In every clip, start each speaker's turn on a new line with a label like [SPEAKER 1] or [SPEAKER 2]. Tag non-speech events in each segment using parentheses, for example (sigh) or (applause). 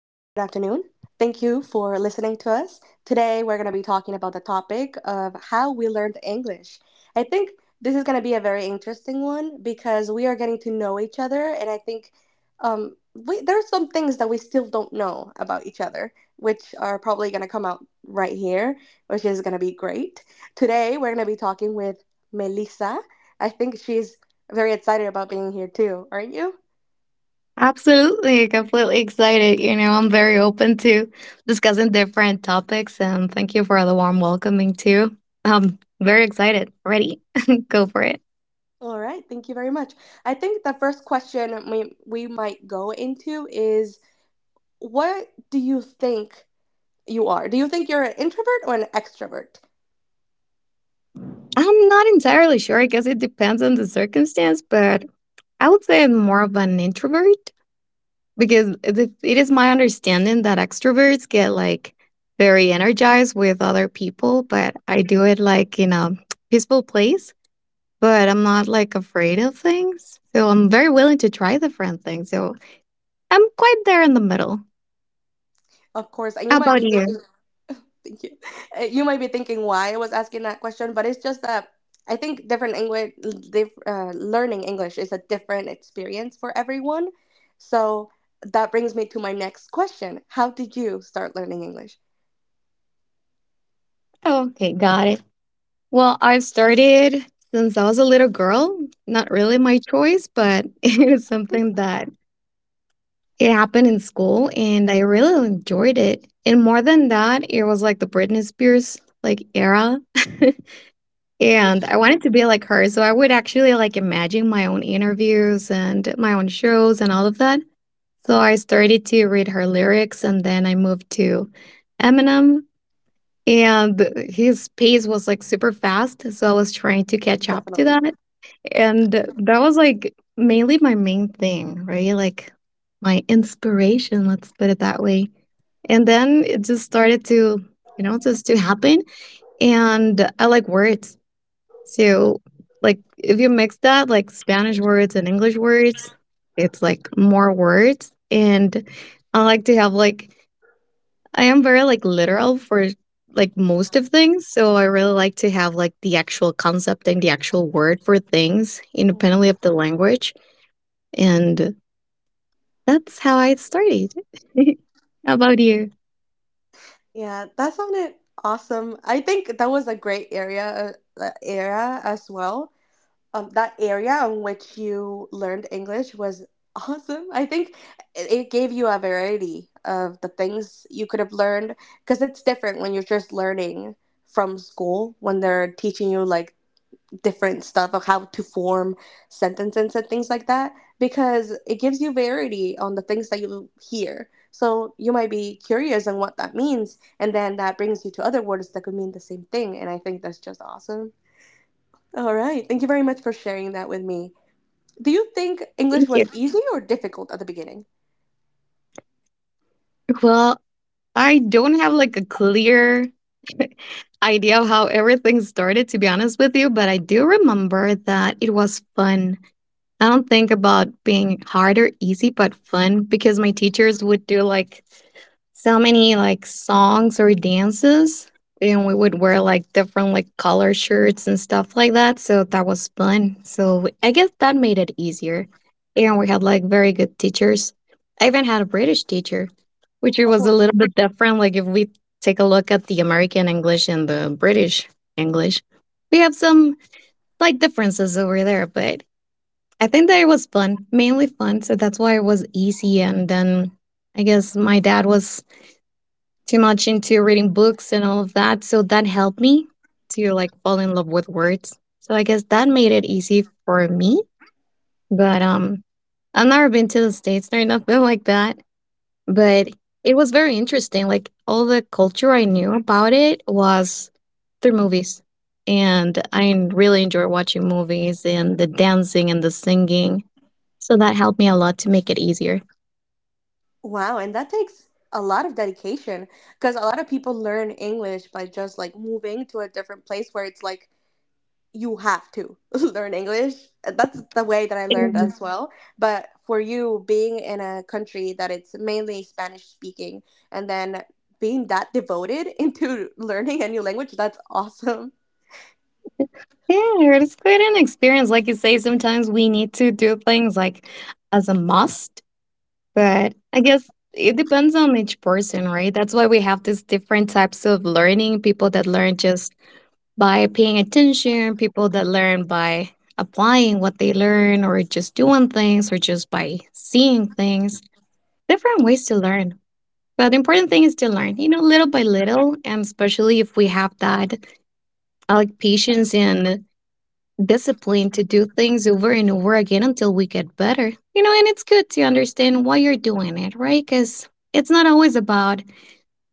[SPEAKER 1] afternoon. Thank you for listening to us. Today we're going to be talking about the topic of how we learned English. I think this is going to be a very interesting one because we are getting to know each other, and I think we there are some things that we still don't know about each other, which are probably going to come out right here, which is going to be great. Today we're going to be talking with Melissa. I think she's very excited about being here too. Aren't you?
[SPEAKER 2] Absolutely, completely excited. You know, I'm very open to discussing different topics, and thank you for the warm welcoming too. I'm very excited. Ready? (laughs) Go for it.
[SPEAKER 1] All right, thank you very much. I think the first question we might go into is, what do you think you are? Do you think you're an introvert or an extrovert?
[SPEAKER 2] I'm not entirely sure. I guess it depends on the circumstance, but I would say I'm more of an introvert because it is my understanding that extroverts get like very energized with other people, but I do it like in a (tsk) peaceful place, but I'm not like afraid of things. So I'm very willing to try different things. So I'm quite there in the middle.
[SPEAKER 1] Of course, and
[SPEAKER 2] How
[SPEAKER 1] you might
[SPEAKER 2] about
[SPEAKER 1] be
[SPEAKER 2] you?
[SPEAKER 1] thinking, thank you. You might be thinking why I was asking that question, but it's just that I think learning English is a different experience for everyone. So that brings me to my next question. How did you start learning English?
[SPEAKER 2] Okay, got it. Well, I started since I was a little girl. Not really my choice, but (laughs) it was something that it happened in school and I really enjoyed it. And more than that, it was like the Britney Spears like era. (laughs) And I wanted to be like her. So I would actually like imagine my own interviews and my own shows and all of that. So I started to read her lyrics and then I moved to Eminem and his pace was like super fast. So I was trying to catch up to
[SPEAKER 1] Definitely.
[SPEAKER 2] that. And that was like mainly my main thing, right? Like my inspiration, let's put it that way. And then it just started to, you know, just to happen. And I like words. So, like, if you mix that, like Spanish words and English words, it's like more words. And I like to have, like, I am very, like, literal for like most of things. So, I really like to have, like, the actual concept and the actual word for things independently of the language. And that's how I started. (laughs) How about you?
[SPEAKER 1] Yeah, that sounded awesome. I think that was a great era as well. That area in which you learned English was (laughs) awesome. I think it gave you a variety of the things you could have learned, because it's different when you're just learning from school when they're teaching you like different stuff of how to form sentences and things like that, because it gives you variety on the things that you hear. So you might be curious on what that means, and then that brings you to other words that could mean the same thing. And I think that's just awesome. All right. Thank you very much for sharing that with me. Do you think English
[SPEAKER 2] Thank you.
[SPEAKER 1] was easy or difficult at the beginning?
[SPEAKER 2] Well, I don't have like a clear (laughs) idea of how everything started, to be honest with you, but I do remember that it was fun. I don't think about being hard or easy, but fun because my teachers would do like so many like songs or dances and we would wear like different like color shirts and stuff like that, so that was fun. So I guess that made it easier and we had like very good teachers. I even had a British teacher, which it
[SPEAKER 1] Of
[SPEAKER 2] was a
[SPEAKER 1] course.
[SPEAKER 2] little bit different. Like if we take a look at the American English and the British English, we have some slight differences over there, but I think that it was fun, mainly fun. So that's why it was easy. And then I guess my dad was too much into reading books and all of that. So that helped me to like fall in love with words. So I guess that made it easy for me. But I've never been to the States or nothing (laughs) like that. But it was very interesting. Like all the culture I knew about it was through movies. And I really enjoy watching movies and the dancing and the singing. So that helped me a lot to make it easier.
[SPEAKER 1] Wow. And that takes a lot of dedication, because a lot of people learn English by just like moving to a different place where it's like you have to (laughs) learn English. That's the way that I learned
[SPEAKER 2] Mhm.
[SPEAKER 1] as well. But for you, being in a country that it's mainly Spanish speaking, and then being that devoted (laughs) into learning a new language, that's awesome.
[SPEAKER 2] Yeah, it's quite an experience. Like you say, sometimes we need to do things like as a must, but I guess it depends on each person, right? That's why we have these different types of learning: people that learn just by paying attention, people that learn by applying what they learn, or just doing things, or just by seeing things. Different ways to learn. But the important thing is to learn, you know, little by little. And especially if we have that like patience and discipline to do things over and over again until we get better. You know, and it's good to understand why you're doing it, right? Because it's not always about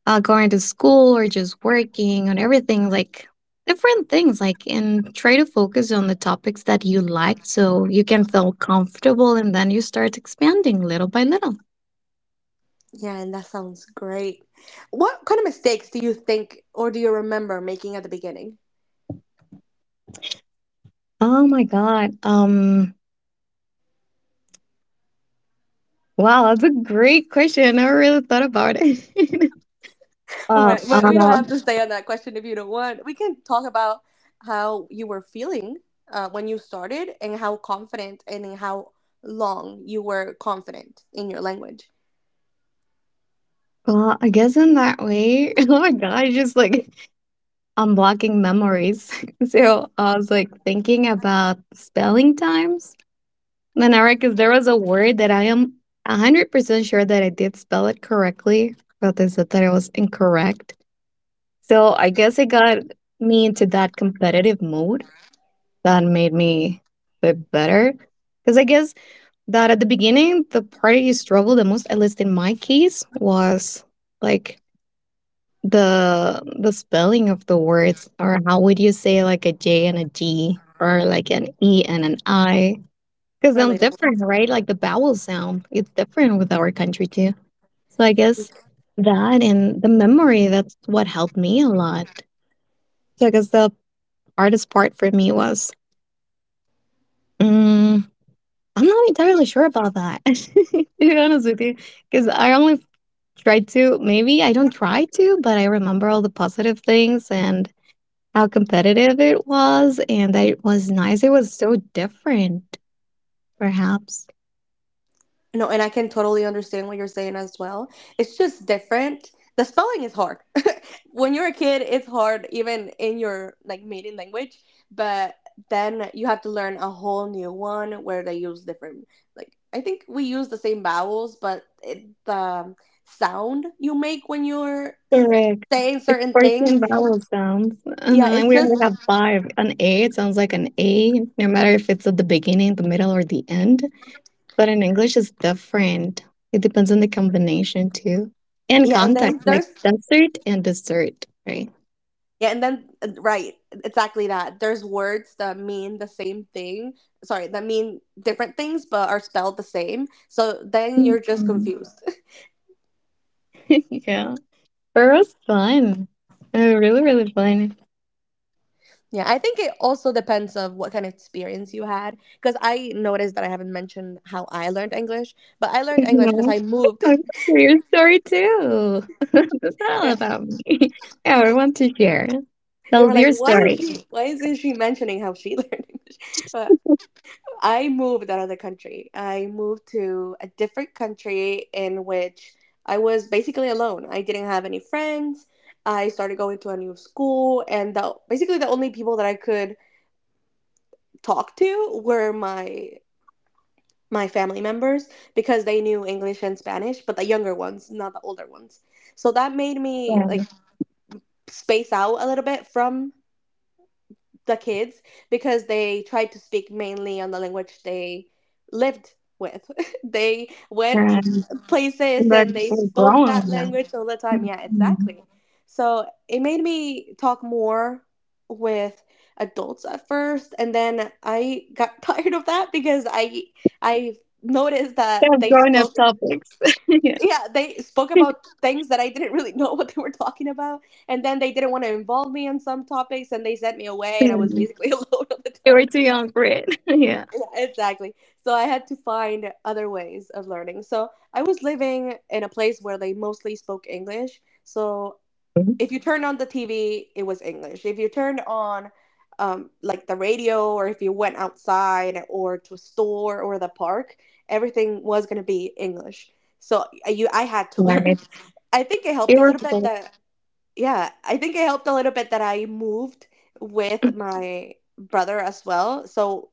[SPEAKER 2] going to school or just working on everything like different things, like and try to focus on the topics that you like so you can feel comfortable and then you start expanding little by little.
[SPEAKER 1] Yeah, and that sounds great. What kind of mistakes do you think, or do you remember making at the beginning?
[SPEAKER 2] Oh my god. Wow, that's a great question. I never really thought about it. (laughs)
[SPEAKER 1] All
[SPEAKER 2] Uh,
[SPEAKER 1] right,
[SPEAKER 2] uh,
[SPEAKER 1] but we don't have to stay on that question if you don't want. We can talk about how you were feeling when you started and how confident, and in how long you were confident in your language.
[SPEAKER 2] well, I guess in that way, (laughs) oh my god, I just like unblocking memories. (laughs) So I was like thinking about spelling times. Then I, because there was a word that I am 100% sure that I did spell it correctly, but they said that it was incorrect. So I guess it got me into that competitive mode that made me a bit better. Because I guess that at the beginning the part you struggled the most, at least in my case, was like the spelling of the words, or how would you say like a J and a G, or like an E and an I, because sounds
[SPEAKER 1] Relatable.
[SPEAKER 2] different, right? Like the vowel sound, it's different with our country too. So I guess that and the memory, that's what helped me a lot. So I guess the hardest part for me was mm, I'm not entirely sure about that (laughs) to be honest with you, because I only try to, maybe I don't try to, but I remember all the positive things and how competitive it was and that it was nice. It was so different, perhaps.
[SPEAKER 1] No, and I can totally understand what you're saying as well. It's just different. The spelling is hard. When you're a kid, it's hard even in your like maiden language, but then you have to learn a whole new one where they use different, like, I think we use the same vowels, but the sound you make when you're
[SPEAKER 2] Correct.
[SPEAKER 1] saying
[SPEAKER 2] It's
[SPEAKER 1] certain things.
[SPEAKER 2] 14 vowel sounds. Uh-huh.
[SPEAKER 1] Yeah,
[SPEAKER 2] And
[SPEAKER 1] it's
[SPEAKER 2] we only
[SPEAKER 1] just,
[SPEAKER 2] have five. An A, it sounds like an A, no matter if it's at the beginning, the middle, or the end. But in English, it's different. It depends on the combination, too. And
[SPEAKER 1] yeah. And
[SPEAKER 2] context,
[SPEAKER 1] then
[SPEAKER 2] like
[SPEAKER 1] there's,
[SPEAKER 2] desert and dessert, right?
[SPEAKER 1] yeah. And then right, exactly, that there's words that mean the same thing, sorry, that mean different things but are spelled the same, so then you're just
[SPEAKER 2] Mhm.
[SPEAKER 1] confused.
[SPEAKER 2] (laughs) Yeah. It was fun. It really, really fun.
[SPEAKER 1] Yeah, I think it also depends of what kind of experience you had. Because I noticed that I haven't mentioned how I learned English, but I learned English because
[SPEAKER 2] Mhm.
[SPEAKER 1] I moved.
[SPEAKER 2] I want to your story too. (laughs) That's
[SPEAKER 1] (laughs)
[SPEAKER 2] not all
[SPEAKER 1] Yeah,
[SPEAKER 2] about me. (laughs) Yeah, I want to share.
[SPEAKER 1] they
[SPEAKER 2] Tell
[SPEAKER 1] were
[SPEAKER 2] us
[SPEAKER 1] like,
[SPEAKER 2] your
[SPEAKER 1] "Why is
[SPEAKER 2] story.
[SPEAKER 1] she? Why isn't she mentioning how she (laughs) learned English?" But
[SPEAKER 2] (laughs)
[SPEAKER 1] I moved out of the country. I moved to a different country in which I was basically alone. I didn't have any friends. I started going to a new school, and the, basically the only people that I could talk to were my family members, because they knew English and Spanish, but the younger ones, not the older ones. So that made me like space out a little bit from the kids, because they tried to speak mainly on the language they lived with. (laughs) They went
[SPEAKER 2] Yeah,
[SPEAKER 1] places
[SPEAKER 2] like
[SPEAKER 1] and they
[SPEAKER 2] we're
[SPEAKER 1] spoke that
[SPEAKER 2] growing up.
[SPEAKER 1] language all the time. Yeah,
[SPEAKER 2] Mhm.
[SPEAKER 1] exactly. So it made me talk more with adults at first, and then I got (laughs) tired of that, because I noticed
[SPEAKER 2] Yeah,
[SPEAKER 1] that they
[SPEAKER 2] growing up
[SPEAKER 1] spoke
[SPEAKER 2] topics. (laughs) Yeah.
[SPEAKER 1] yeah, they spoke about things that I didn't really (laughs) know what they were talking about, and then they didn't want to involve me on some topics, and they sent me away, and I was
[SPEAKER 2] Mm.
[SPEAKER 1] basically (laughs) alone all the
[SPEAKER 2] You were
[SPEAKER 1] time.
[SPEAKER 2] too young for it. (laughs) Yeah.
[SPEAKER 1] Yeah, exactly. So I had to find other ways of learning. So I was living in a place where they mostly spoke English. So
[SPEAKER 2] Mhm.
[SPEAKER 1] if you turned on the TV, it was English. If you turned on like the radio, or if you went outside or to a store or the park, everything was gonna be English. So you, I had to (laughs) learn.
[SPEAKER 2] Right.
[SPEAKER 1] I think it helped
[SPEAKER 2] You
[SPEAKER 1] a
[SPEAKER 2] were
[SPEAKER 1] little
[SPEAKER 2] (laughs)
[SPEAKER 1] bit
[SPEAKER 2] both.
[SPEAKER 1] that yeah, I think it helped a little bit that I moved with my brother as well. So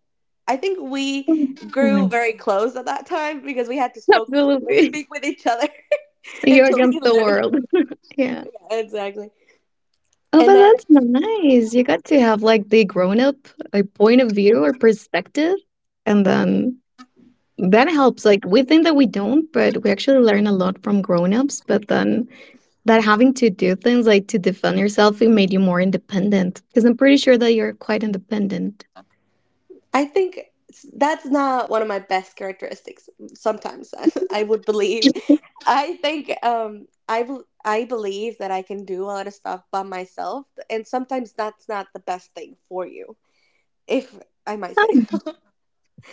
[SPEAKER 1] I think we grew very close at that time, because we had to spoke
[SPEAKER 2] Absolutely.
[SPEAKER 1] speak with each other (laughs)
[SPEAKER 2] You're
[SPEAKER 1] until we
[SPEAKER 2] against the
[SPEAKER 1] learned.
[SPEAKER 2] world. (laughs) Yeah.
[SPEAKER 1] Yeah, exactly.
[SPEAKER 2] Oh,
[SPEAKER 1] And
[SPEAKER 2] but
[SPEAKER 1] then
[SPEAKER 2] that's nice. You got to have like the grown up like point of view or perspective, and then that helps. Like we think that we don't, but we actually learn a lot from grown ups. But then that having to do things like to defend yourself, it made you more independent. Because I'm pretty sure that you're quite independent.
[SPEAKER 1] I think that's not one of my best characteristics. Sometimes (laughs) I would believe. I think I believe that I can do a lot of stuff by myself, and sometimes that's not the best thing for you, if I might say.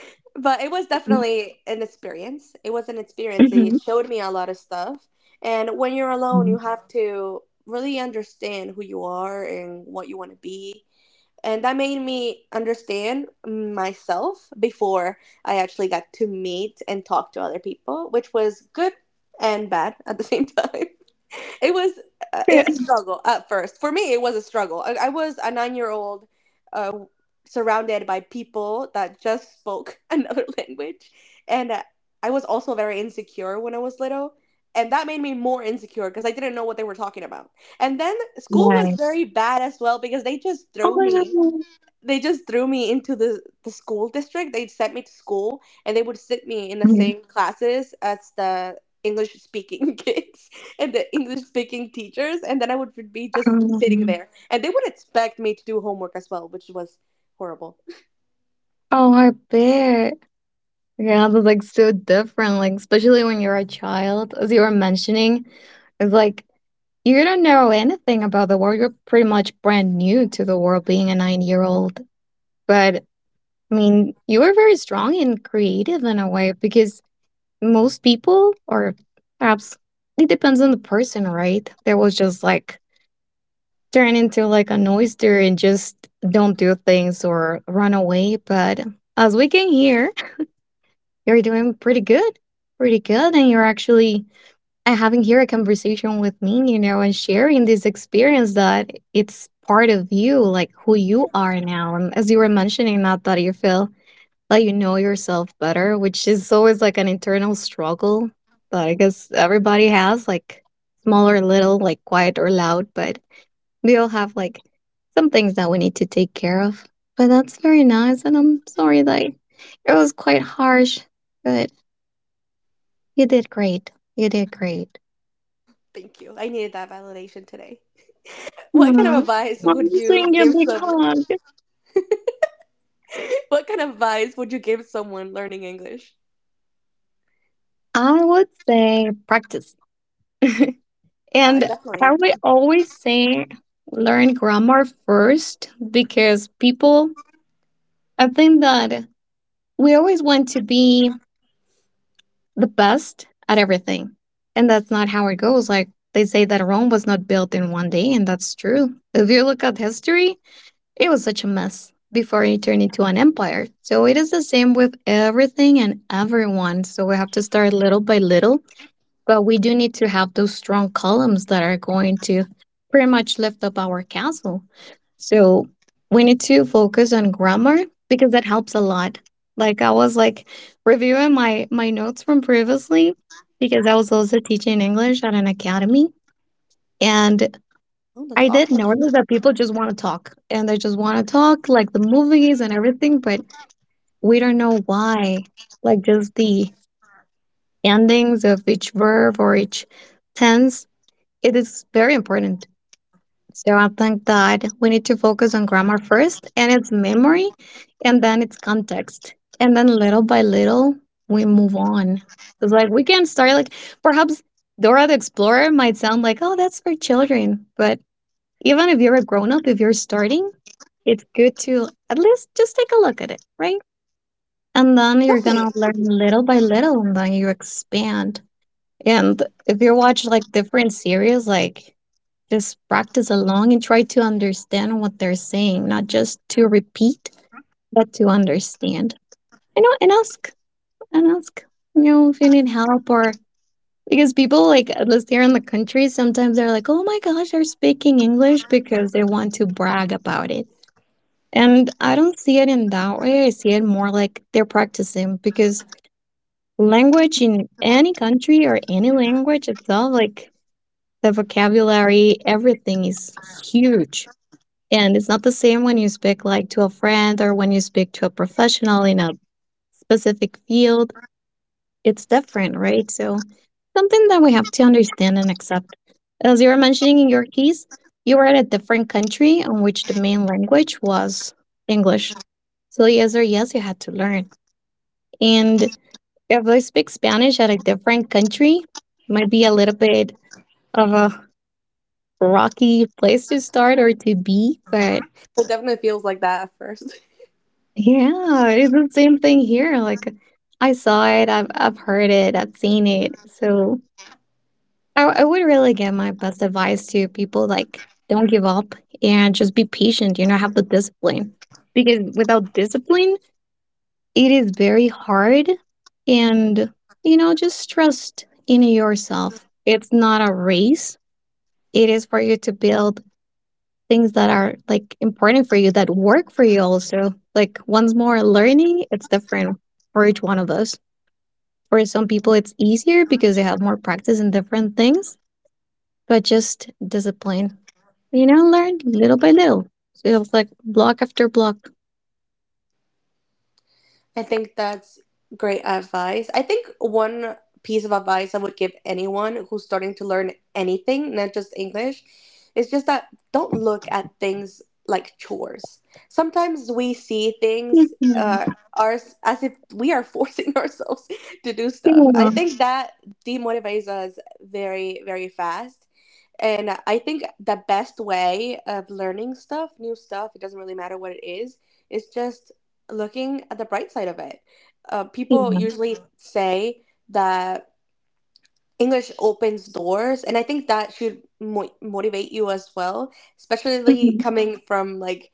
[SPEAKER 1] (laughs) But it was definitely an experience. It was an experience. It
[SPEAKER 2] Mm-hmm.
[SPEAKER 1] showed me a lot of stuff. And when you're alone, you
[SPEAKER 2] (laughs)
[SPEAKER 1] have to really understand who you are and what you want to be, and that made me understand myself before I actually got to meet and talk to other people, which was good and bad at the same time. (laughs) It was a struggle at first. For me, it was a struggle. I was a 9-year-old old uh, surrounded by people that just spoke (laughs) another language. And I was also very insecure when I was little. And that made me more insecure, because I didn't know what they were talking about. And then school was
[SPEAKER 2] Right.
[SPEAKER 1] very bad as well, because they just
[SPEAKER 2] Oh
[SPEAKER 1] threw
[SPEAKER 2] my
[SPEAKER 1] me.
[SPEAKER 2] god.
[SPEAKER 1] They just threw me into the school district. They sent me to school and they would sit me in the
[SPEAKER 2] Mm.
[SPEAKER 1] same classes as the English speaking (laughs) kids and the English speaking teachers. And then I would be just sitting
[SPEAKER 2] Um,
[SPEAKER 1] there. And they would expect me to do homework as well, which was horrible.
[SPEAKER 2] oh, I bet. Yeah, that's like so different, like especially when you're a child, as you were mentioning, it's like you don't know anything about the world. You're pretty much brand new to the world being a nine-year-old. But I mean, you were very strong and creative in a way because most people, or perhaps it depends on the person, right? They was just like turn into like an oyster and just don't do things or run away. But as we can hear, you're doing pretty good, pretty good. And you're actually having here a conversation with me, you know, and sharing this experience that it's part of you, like who you are now. And as you were mentioning that, that you feel like you know yourself better, which is always like an internal struggle that I guess everybody has, like small or little, like quiet or loud, but we all have like some things that we need to take care of. But that's very nice. And I'm sorry that it was quite harsh, but you did great. You did great.
[SPEAKER 1] Thank you. I needed that validation today. What kind of
[SPEAKER 2] Aw,
[SPEAKER 1] advice would
[SPEAKER 2] I'm
[SPEAKER 1] you
[SPEAKER 2] saying a
[SPEAKER 1] give
[SPEAKER 2] big
[SPEAKER 1] someone? (laughs)
[SPEAKER 2] hug.
[SPEAKER 1] What kind of advice would you give someone learning English?
[SPEAKER 2] I would say practice. (laughs) And I
[SPEAKER 1] Definitely.
[SPEAKER 2] would always say learn grammar first, because people, I think that we always want to be the best at everything. And that's not how it goes. Like they say that Rome was not built in one day, and that's true. If you look at history, it was such a mess before it turned into an empire. So it is the same with everything and everyone. So we have to start little by little, but we do need to have those strong columns that are going to pretty much lift up our castle. So we need to focus on grammar because that helps a lot. Like I was like reviewing my notes from previously because I was also teaching English at an academy, and
[SPEAKER 1] Oh, that's
[SPEAKER 2] I did
[SPEAKER 1] awesome.
[SPEAKER 2] notice that people just want to talk and they just want to talk like the movies and everything, but we don't know why. Like just the endings of each verb or each tense, it is very important. So I think that we need to focus on grammar first and its memory and then its context. And then little by little, we move on. It's like we can start like perhaps Dora the Explorer might sound like, oh, that's for children, but even if you're a grown up, if you're starting, it's good to at least just take a look at it, right? And then you're
[SPEAKER 1] Definitely.
[SPEAKER 2] gonna learn little by little and then you expand. And if you watch like different series, like just practice along and try to understand what they're saying, not just to repeat, but to understand. And ask and ask, if you need help or because people like at least here in the country, sometimes they're like, "Oh my gosh, they're speaking English because they want to brag about it." And I don't see it in that way. I see it more like they're practicing because language in any country or any language itself, like the vocabulary, everything is huge. And it's not the same when you speak like to a friend or when you speak to a professional in a specific field. It's different, right? So something that we have to understand and accept. As you were mentioning in your case, you were at a different country in which the main language was English, so yes or yes, you had to learn. And if I speak Spanish at a different country, might be a little bit of a rocky place to start or to be, but
[SPEAKER 1] It definitely feels like that at first.
[SPEAKER 2] yeah, it's the same thing here. Like I saw it, I've heard it, I've seen it. So I would really give my best advice to people like, don't give up and just be patient, have the discipline. Because without discipline, it is very hard, and just trust in yourself. It's not a race. It is for you to build things that are like important for you, that work for you also. Like once more, learning, it's different for each one of us. For some people it's easier because they have more practice in different things, but just discipline. Learn little by little. So it's like block after block.
[SPEAKER 1] I think that's great advice. I think one piece of advice I would give anyone who's starting to learn anything, not just English, is just that, don't look at things like chores. Sometimes we see things uh,
[SPEAKER 2] Mhm.
[SPEAKER 1] ours as if we are forcing (laughs) ourselves to do stuff. I
[SPEAKER 2] Yeah.
[SPEAKER 1] think that demotivates us very, very fast. And I think the best way of learning stuff, new stuff, it doesn't really matter what it is just looking at the bright side of it. People
[SPEAKER 2] Yeah.
[SPEAKER 1] usually say that English opens doors, and I think that should motivate you as well, especially
[SPEAKER 2] Mhm.
[SPEAKER 1] coming from like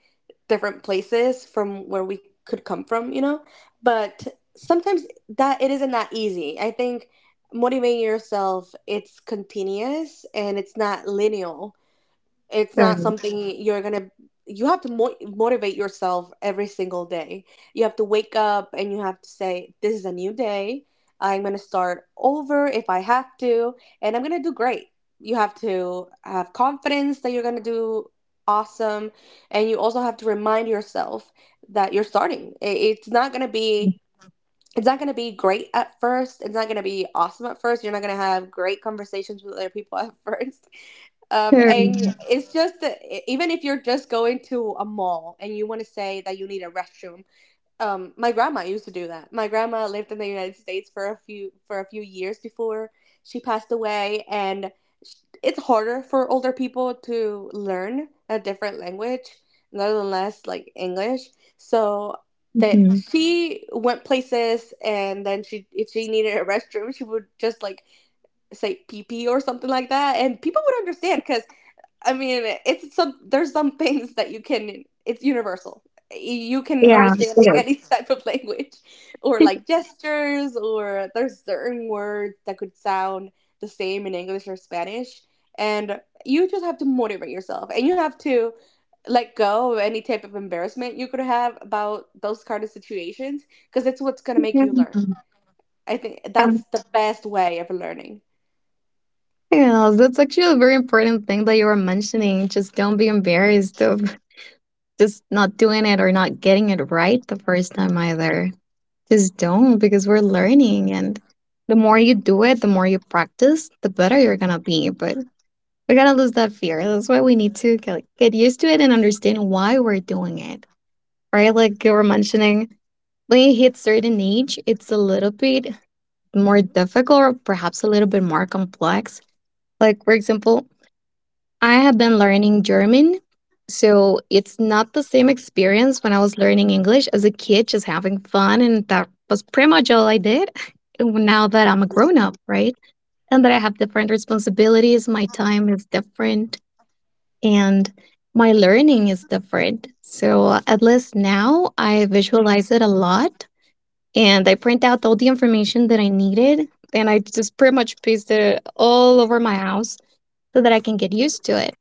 [SPEAKER 1] different places from where we could come from. But sometimes that it isn't that easy. I think motivating yourself it's continuous, and it's not linear. It's not
[SPEAKER 2] Correct.
[SPEAKER 1] something you're gonna, you have to motivate yourself every single day. You have to wake up and you have to say, this is a new day. I'm gonna start over if I have to, and I'm gonna do great. You have to have confidence that you're gonna do awesome, and you also have to remind yourself that you're starting. It's not gonna be it's not going to be great at first. It's not going to be awesome at first. You're not going to have great conversations with other people at (laughs) first,
[SPEAKER 2] Correct.
[SPEAKER 1] and it's just that even if you're just going to a mall and you want to say that you need a restroom, my grandma used to do that. My grandma lived in the United States for a few years before she passed away, and sh- it's harder for older people to learn a different language, nonetheless, like English. So that
[SPEAKER 2] Mhm.
[SPEAKER 1] she went places, and then she, if she needed a (laughs) restroom, she would just like say pee pee or something like that, and people would understand, 'cause I mean, it's some there's some things that you can, it's universal. You can
[SPEAKER 2] Yeah,
[SPEAKER 1] understand in
[SPEAKER 2] it
[SPEAKER 1] any (laughs) type of language, or like gestures, or there's certain words that could sound the same in English or Spanish. And you just have to motivate yourself and you have to let go of any type of embarrassment you could have about those kind of situations, because it's what's going to
[SPEAKER 2] is.
[SPEAKER 1] make you learn.
[SPEAKER 2] Mhm.
[SPEAKER 1] I think that's
[SPEAKER 2] Um,
[SPEAKER 1] the best way of learning.
[SPEAKER 2] yeah, that's actually a very important thing that you were mentioning. Just don't be embarrassed of (laughs) just not doing it or not getting it right the first time either. Just don't, because we're learning, and the more you do it, the more you practice, the better you're gonna be. But we gotta lose that fear. That's why we need to get, like, get used to it and understand why we're doing it. Right? Like you were mentioning, when you hit certain age, it's a little bit more difficult or perhaps a little bit more complex. Like, for example, I have been learning German. So it's not the same experience when I was learning English as a kid, just having fun. And that was pretty much all I did. (laughs) Now that I'm a grown up, right? And that I have different responsibilities, my time is different. And my learning is different. So, at least now I visualize it a lot and I print out all the information that I needed. And I just pretty much pasted it all over my house so that I can get used to it.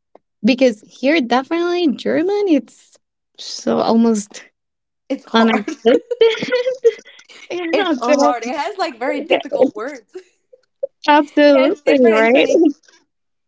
[SPEAKER 2] Because here, definitely in German, it's so almost
[SPEAKER 1] It's hard. (laughs)
[SPEAKER 2] unexistent. (laughs) Yeah,
[SPEAKER 1] It's
[SPEAKER 2] so,
[SPEAKER 1] hard. It has like very
[SPEAKER 2] yeah,
[SPEAKER 1] difficult
[SPEAKER 2] it's
[SPEAKER 1] words. It has
[SPEAKER 2] absolutely
[SPEAKER 1] different
[SPEAKER 2] right.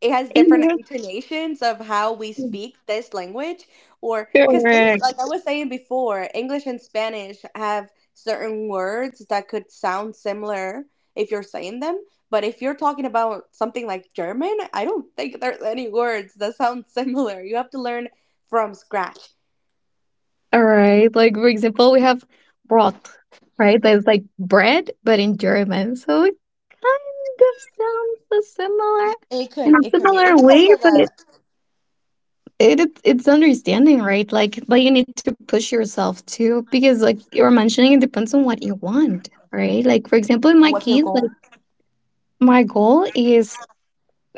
[SPEAKER 1] it has different
[SPEAKER 2] (laughs)
[SPEAKER 1] intonations of how we speak this language. Or because this,
[SPEAKER 2] Correct.
[SPEAKER 1] like I was saying before, English and Spanish have certain words that could sound similar if you're saying them. But if you're talking about something like German, I don't think there's any words that sound (laughs) similar. You have to learn from scratch.
[SPEAKER 2] All right. Like for example, we have Brot, right? That's like bread, but in German. So it kind of sounds a similar
[SPEAKER 1] it
[SPEAKER 2] in
[SPEAKER 1] could
[SPEAKER 2] a
[SPEAKER 1] it could be, it
[SPEAKER 2] similar
[SPEAKER 1] depends
[SPEAKER 2] way,
[SPEAKER 1] on
[SPEAKER 2] but
[SPEAKER 1] the
[SPEAKER 2] it it's understanding, right? Like but you need to push yourself too, because like you were mentioning, it depends on what you want, right? Like for example, in
[SPEAKER 1] on
[SPEAKER 2] my
[SPEAKER 1] what's your
[SPEAKER 2] case,
[SPEAKER 1] goal.
[SPEAKER 2] like my goal is,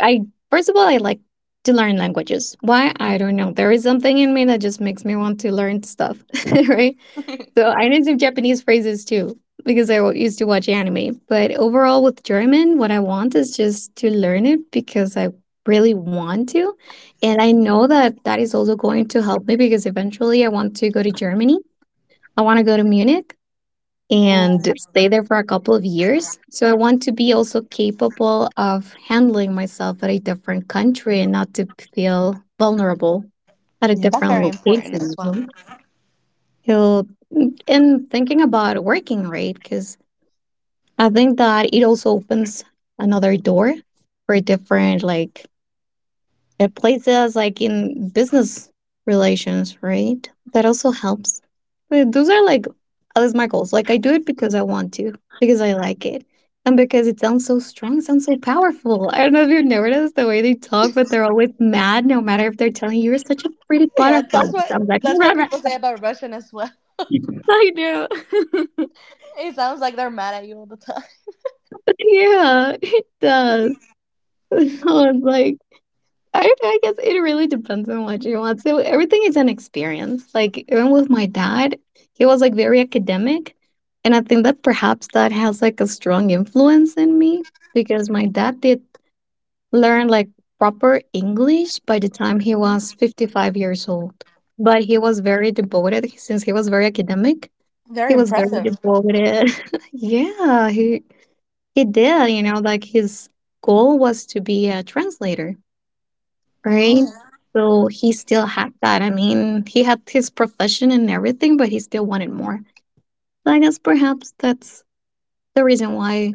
[SPEAKER 2] I first of all I like to learn languages. Why? I don't know. There is something in me that just makes me want to learn stuff, (laughs) right?
[SPEAKER 1] (laughs)
[SPEAKER 2] So I know some Japanese phrases too because I used to watch anime. But overall, with German, what I want is just to learn it because I really want to. And I know that that is also going to help me because eventually I want to go to Germany. I want to go to Munich and stay there for a couple of years. So I want to be also capable of handling myself at a different country and not to feel vulnerable at a
[SPEAKER 1] Yeah, that's
[SPEAKER 2] different
[SPEAKER 1] very important as
[SPEAKER 2] location.
[SPEAKER 1] well.
[SPEAKER 2] Right? Yeah, and thinking about working right, because I think that it also opens another door for different like it places like in business relations, right? That also helps. But those are like at least my goals. Like I do it because I want to, because I like it, and because it sounds so strong, sounds so powerful. I don't know if you've noticed the way they talk, but they're always mad, no matter if they're telling you you're such a pretty
[SPEAKER 1] Yeah,
[SPEAKER 2] butterfly. It sounds like
[SPEAKER 1] that's what people say
[SPEAKER 2] (laughs)
[SPEAKER 1] about Russian as well.
[SPEAKER 2] I do. (laughs)
[SPEAKER 1] It sounds like they're mad at you all the time.
[SPEAKER 2] Yeah, it does. (laughs) I was like, I guess it really depends on what you want. So everything is an experience. Like even with my dad, he was like very academic, and I think that perhaps that has like a strong influence in me because my dad did learn like proper English by the time he was 55 years old. But he was very devoted since he was very academic.
[SPEAKER 1] Very
[SPEAKER 2] He was very
[SPEAKER 1] impressive.
[SPEAKER 2] devoted. (laughs) Yeah, he did, like his goal was to be a translator, right?
[SPEAKER 1] Oh,
[SPEAKER 2] So he still had that. I mean, he had his profession and everything, but he still wanted more. So I guess perhaps that's the reason why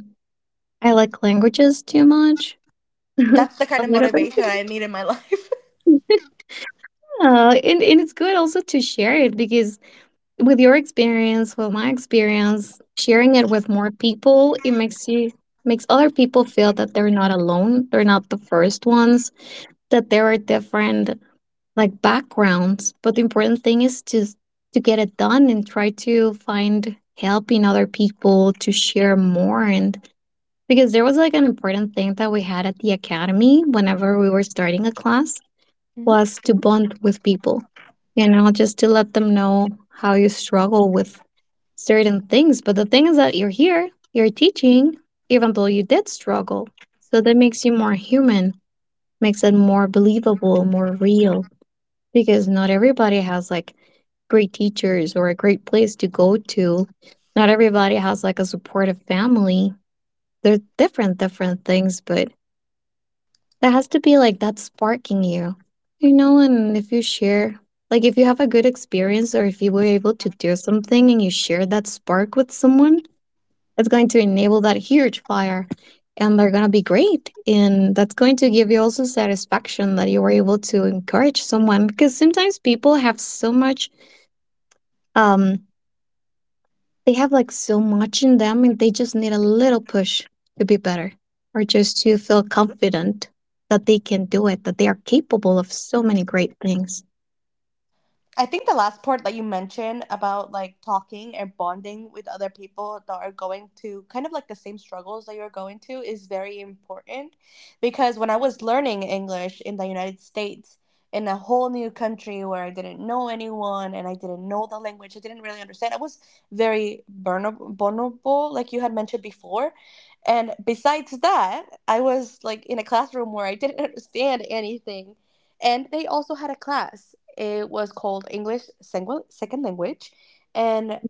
[SPEAKER 2] I like languages too much. (laughs)
[SPEAKER 1] that's the kind
[SPEAKER 2] A
[SPEAKER 1] of
[SPEAKER 2] little
[SPEAKER 1] motivation
[SPEAKER 2] bit.
[SPEAKER 1] I need in my life.
[SPEAKER 2] (laughs) Yeah, and it's good also to share it, because with your experience, with my experience, sharing it with more people, it makes you makes other people feel that they're not alone. They're not the first ones, that there are different like backgrounds, but the important thing is to get it done and try to find help in other people to share more. And because there was like an important thing that we had at the academy whenever we were starting a class,
[SPEAKER 1] (laughs)
[SPEAKER 2] was to bond with people, just to let them know how you struggle with certain things, but the thing is that you're here, you're teaching even though you did struggle, so that makes you more human, makes it more believable, more real, because not everybody has like great teachers or a great place to go to. Not everybody has like a supportive family. They're different, different things, but there has to be like that sparking you, you know. And if you share, like, if you have a good experience or if you were able to do something and you share that spark with someone, it's going to enable that huge fire, and they're going to be great. And that's going to give you also satisfaction that you were able to encourage someone, because sometimes people have so much. Um, they have like so much in them, and they just need a little push to be better or just to feel confident that they can do it, that they are capable of so many great things.
[SPEAKER 1] I think the last part that you mentioned about like talking and bonding with other people that are going to kind of like the same struggles that you're going to is very important. Because when I was learning English in the United States, in a whole new country where I didn't know anyone and I didn't know the language, I didn't really understand. I was very vulnerable, like you had mentioned before. And besides that, I was like in a classroom where I didn't (laughs) understand anything, and they also had a class. It was called English Second Language. And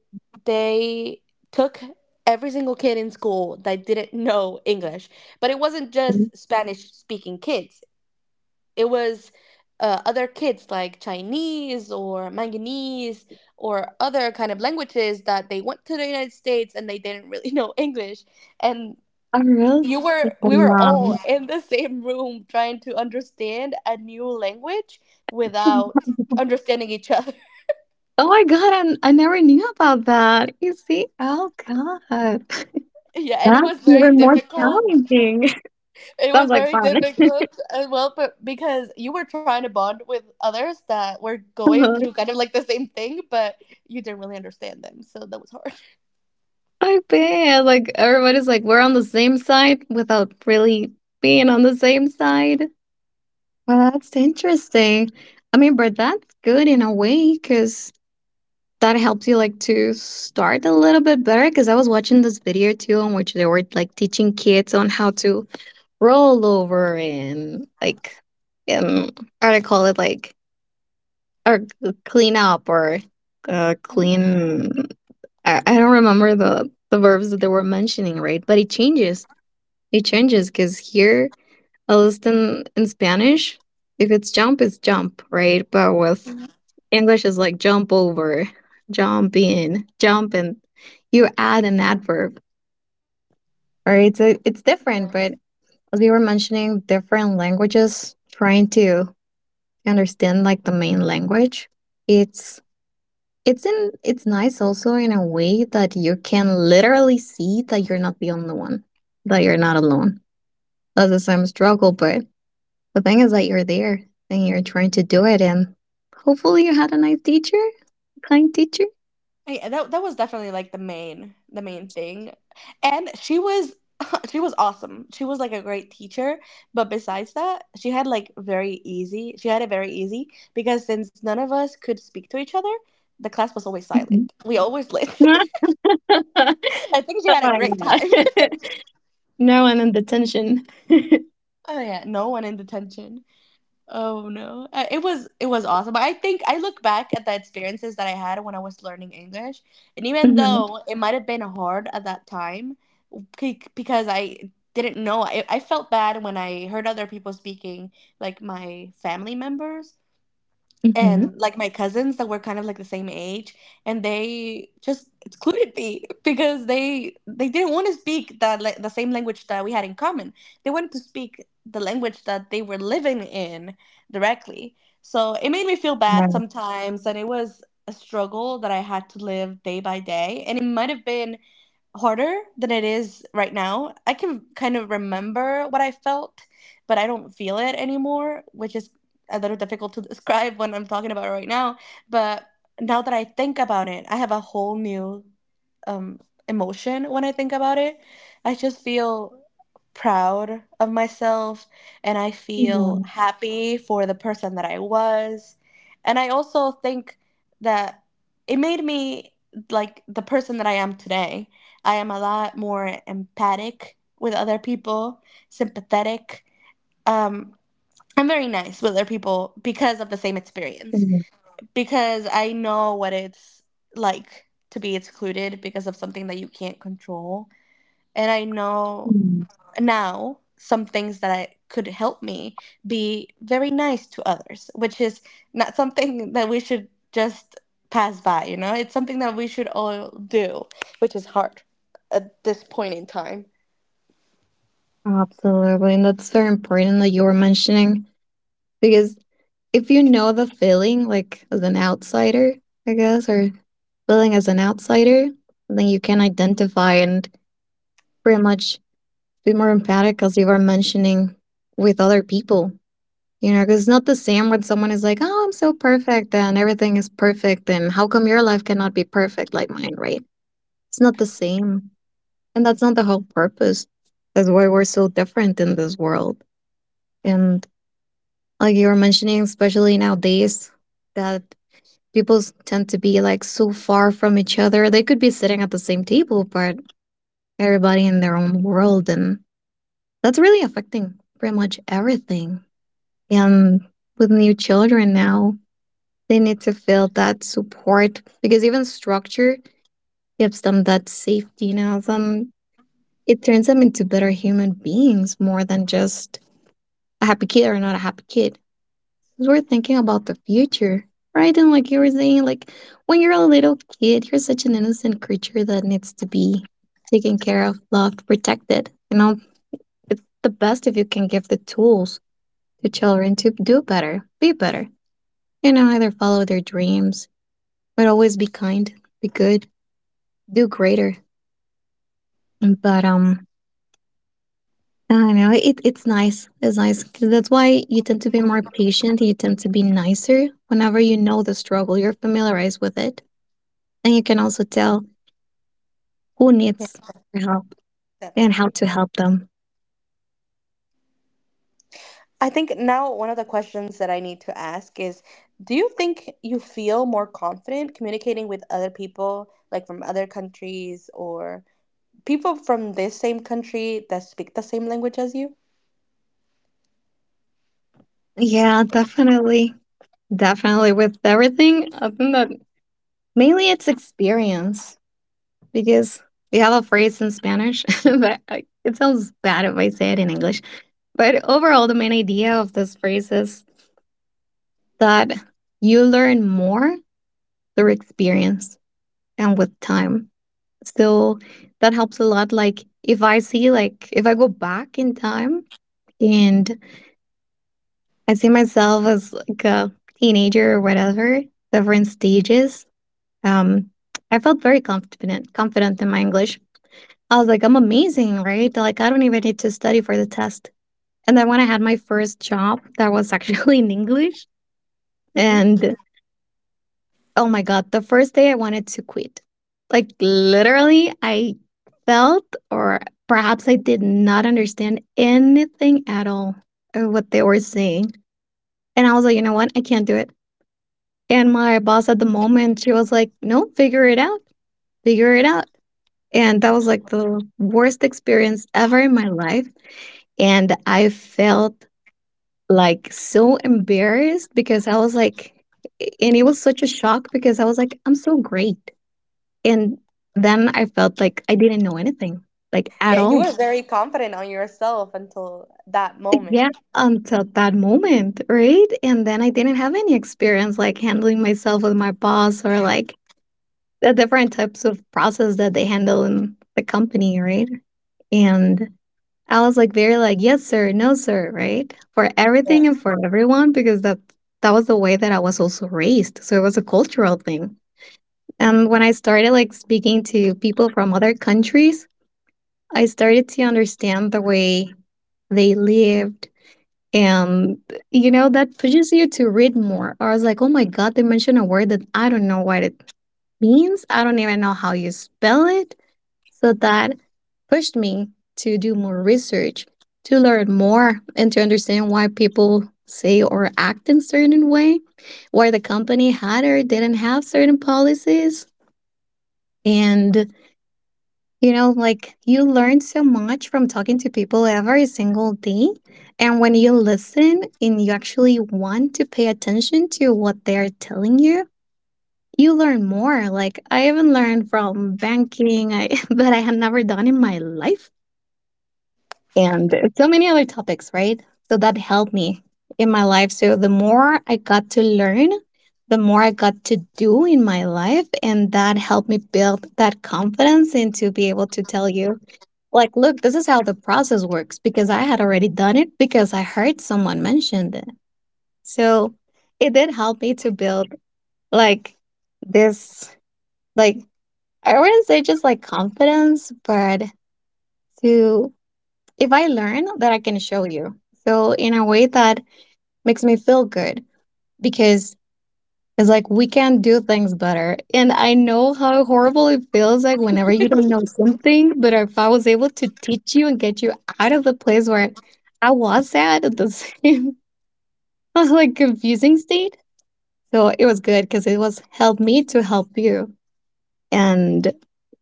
[SPEAKER 1] they took every single kid in school that didn't know English. But it wasn't
[SPEAKER 2] Mhm.
[SPEAKER 1] just Spanish speaking kids, it was other kids like Chinese or Manganese or other kind of languages, that they went to the United States and they didn't really (laughs) know English. And
[SPEAKER 2] Oh, really?
[SPEAKER 1] you were we were all
[SPEAKER 2] Wow.
[SPEAKER 1] in the same room trying to understand a new language without understanding each other.
[SPEAKER 2] Oh my god, and I never knew about that. You see? Oh god. (laughs)
[SPEAKER 1] (laughs) Yeah, and it
[SPEAKER 2] That's
[SPEAKER 1] was very
[SPEAKER 2] even more
[SPEAKER 1] difficult,
[SPEAKER 2] challenging.
[SPEAKER 1] it
[SPEAKER 2] (laughs) Sounds
[SPEAKER 1] was
[SPEAKER 2] like
[SPEAKER 1] very
[SPEAKER 2] fun.
[SPEAKER 1] difficult as well. But because you were trying to bond with others that were going through kind
[SPEAKER 2] (laughs)
[SPEAKER 1] of like the same thing, but you didn't really understand them, so that was hard.
[SPEAKER 2] I bet. Like everybody's like, we're on the same side without really being on the same side. Well, that's interesting. I mean, but that's good in a way because that helps you like to start a little bit better, because I was watching this video too in which they were like teaching kids on how to roll over and like um how do I call it, like, or clean up or clean, I don't remember the verbs that they were mentioning, right? But it changes, it changes, because here at least in Spanish, if it's jump it's jump, right? But with English is like jump over, jump in, jump and you add an adverb. All right, so it's
[SPEAKER 1] Mhm.
[SPEAKER 2] different, but as we were mentioning, different languages trying to understand like the main language. It's it's in, it's nice also in a way that you can literally see that you're not the only one, that you're not alone. That's the same struggle, but the thing is that you're there and you're trying to do it, and hopefully you had a nice teacher, kind teacher.
[SPEAKER 1] Yeah, that was definitely like the main thing. And she was (laughs) she was awesome. She was like a great teacher, but besides that, she had like very easy. She had it very easy, because since none of us could speak to each other, the class was always silent. We always
[SPEAKER 2] (laughs) (laughs)
[SPEAKER 1] listened.
[SPEAKER 2] Oh
[SPEAKER 1] (laughs) I think she had a
[SPEAKER 2] my
[SPEAKER 1] great time.
[SPEAKER 2] god.
[SPEAKER 1] (laughs)
[SPEAKER 2] (laughs) No one in detention.
[SPEAKER 1] Oh yeah, no one in detention. Oh no, it was it was awesome. But I think I look back at the experiences that I had when I was learning English, and even
[SPEAKER 2] Mm-hmm.
[SPEAKER 1] though it might have been hard at that time, because I didn't know. I felt bad when I heard other people speaking, like my family members
[SPEAKER 2] Mm-hmm.
[SPEAKER 1] and like my cousins that were kind of like the same age, and they just excluded me (laughs) because they didn't want to speak the the same language that we had in common. They wanted to speak the language that they were living in directly. So it made me feel bad
[SPEAKER 2] Right.
[SPEAKER 1] sometimes, and it was a struggle that I had to live day by day, and it might have been harder than it is right now. I can kind of remember what I felt, but I don't feel it anymore, which is a little difficult to (laughs) describe when I'm talking about it right now. But now that I think about it, I have a whole new um, emotion when I think about it. I just feel proud of myself, and I
[SPEAKER 2] Yeah,
[SPEAKER 1] feel happy for the person that I was. And I also think that it made me like the person that I am today. I am a lot more empathic with other people, sympathetic. Um, I'm very nice with other people because of the same experience,
[SPEAKER 2] yeah,
[SPEAKER 1] because I know what it's like to be excluded because of something that you can't control. And I know
[SPEAKER 2] mm.
[SPEAKER 1] now some things that I could help me be very nice to others, which is not something (laughs) that we should just pass by, you know? It's something that we should all do, which is hard at this point in time.
[SPEAKER 2] Absolutely. And that's very important that you were mentioning, because if you know the feeling, like as an outsider, I guess, or feeling as an outsider, then you can identify and pretty much be more empathic as you were mentioning with other people. You know, 'cause it's not the same when someone is like, "Oh, I'm so perfect and everything is perfect, and how come your life cannot be perfect like mine, right?" It's not the same. And that's not the whole purpose. That's why we're so different in this world. And like you were mentioning, especially nowadays, that people tend to be like so far from each other. They could be sitting at the same table, but everybody in their own world. And that's really affecting pretty much everything. And with new children now, they need to feel that support because even structure gives them that safety. You know, some it turns them into better human beings more than just a happy kid or not a happy kid. Since we're thinking about the future, right? And like you were saying, like when you're a little kid, you're such an innocent creature that needs to be taken care of, loved, protected. You know, it's the best if you can give the tools to children to do better, be better. You know, either follow their dreams, but always be kind, be good, do greater. But I don't know. It's nice. It's nice. 'Cause that's why you tend to be more patient. You tend to be nicer whenever you know the struggle. You're familiarized with it, and you can also tell who
[SPEAKER 1] Yeah,
[SPEAKER 2] needs your
[SPEAKER 1] definitely.
[SPEAKER 2] help and how
[SPEAKER 1] Definitely.
[SPEAKER 2] to help them.
[SPEAKER 1] I think now one of the questions that I need to ask is, do you think you feel more confident communicating with other people, like from other countries, or people from this same country that speak the same language as you?
[SPEAKER 2] Yeah, definitely, definitely. With everything, I think that mainly it's experience because we have a phrase in Spanish, (laughs) but it sounds bad if I say it in English. But overall, the main idea of this phrase is that you learn more through experience and with time. So that helps a lot. Like if I go back in time and I see myself as like a teenager or whatever, different stages, um, I felt very confident in my English. I was like, I'm amazing, right? Like I don't even need to study for the test. And then when I had my first job that was (laughs) actually in English
[SPEAKER 1] Hmm.
[SPEAKER 2] and oh my God, the first day I wanted to quit. Like, literally, I felt, or perhaps I did not understand anything at all of what they were saying. And I was like, you know what? I can't do it. And my boss at the moment, she was like, no, figure it out, figure it out. And that was like the worst experience ever in my life. And I felt like so embarrassed because I was like, and it was such a shock because I was like, I'm so great. And then I felt like I didn't know anything, like at
[SPEAKER 1] Yeah, you
[SPEAKER 2] all.
[SPEAKER 1] were very confident on yourself until that
[SPEAKER 2] Yeah,
[SPEAKER 1] moment.
[SPEAKER 2] until that moment, right? And then I didn't have any experience like handling myself with my boss or like the different types of process that they handle in the company, right? And I was like very like, yes, sir, no, sir, right? For everything and
[SPEAKER 1] Yeah.
[SPEAKER 2] for everyone, because that was the way that I was also raised. So it was a cultural thing. When I started like speaking to people from other countries, I started to understand the way they lived. And, you know, that pushes you to read more. I was like, oh my God, they mentioned a word that I don't know what it means. I don't even know how you spell it. So that pushed me to do more research, to learn more, and to understand why people say or act in certain way, why the company had or didn't have certain policies. And you know, like you learn so much from talking to people every single day. And when you listen and you actually want to pay attention to what they're telling you, you learn more. Like I even learned from banking I, (laughs) that I had never done in my life and so many other topics, right? So that helped me in my life. So the more I got to learn, the more I got to do in my life. And that helped me build that confidence and to be able to tell you like, look, this is how the process works because I had already done it because I heard someone mentioned it. So it did help me to build like this, like, I wouldn't say just like confidence, but to, if I learn that I can show you. So in a way that makes me feel good because it's like we can do things better. And I know how horrible it feels like whenever you don't know something, but if I was able to teach you and get you out of the place where I was at the same (laughs) like confusing state. So it was good because it was helped me to help you. And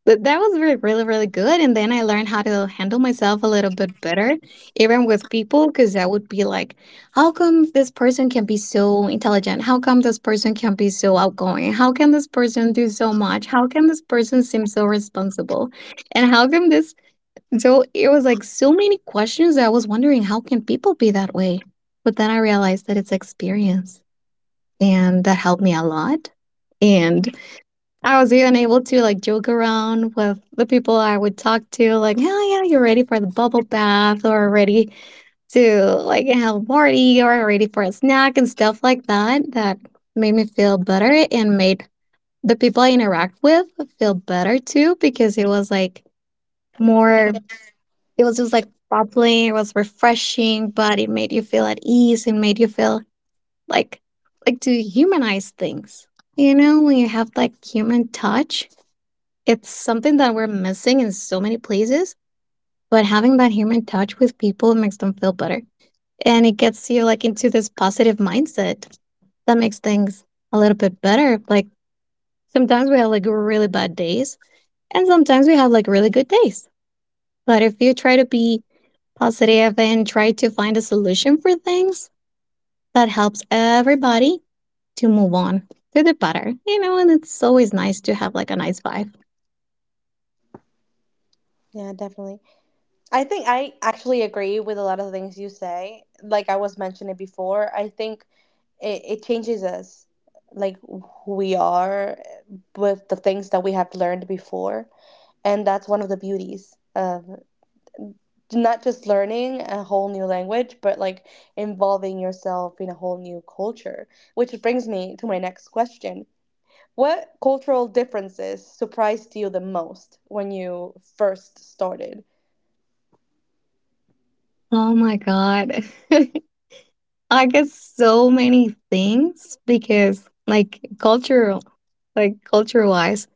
[SPEAKER 2] but that was re really, really good, and then I learned how to handle myself a little bit better, even with people. Because I would be like, "How come this person can be so intelligent? How come this person can be so outgoing? How can this person do so much? How can this person seem so responsible? And how come this?" So it was like so many questions that I was wondering, how can people be that way? But then I realized that it's experience, and that helped me a lot, and I was even able to like joke around with the people I would talk to, like, "Hell yeah, you're ready for the bubble bath, or ready to like have a party, or ready for a snack and stuff like that." That made me feel better and made the people I interact with feel better too, because it was like more. It was just like bubbling. It was refreshing, but it made you feel at ease. It made you feel like to humanize things. You know, when you have like human touch, it's something that we're missing in so many places, but having that human touch with people makes them feel better. And it gets you like into this positive mindset that makes things a little bit better. Like sometimes we have like really bad days and sometimes we have like really good days. But if you try to be positive and try to find a solution for things, that helps everybody to move on to the better, you know, and it's always nice to have like a nice vibe.
[SPEAKER 1] Yeah, definitely. I think I actually agree with a lot of the things you say. Like I was mentioning before, I think it changes us, like who we are, with the things that we have learned before. And that's one of the beauties of not just learning a whole new language, but like involving yourself in a whole new culture. Which brings me to my next question: what cultural differences surprised you the most when you first started?
[SPEAKER 2] Oh my God. (laughs) I guess so many things because like cultural, like culture wise,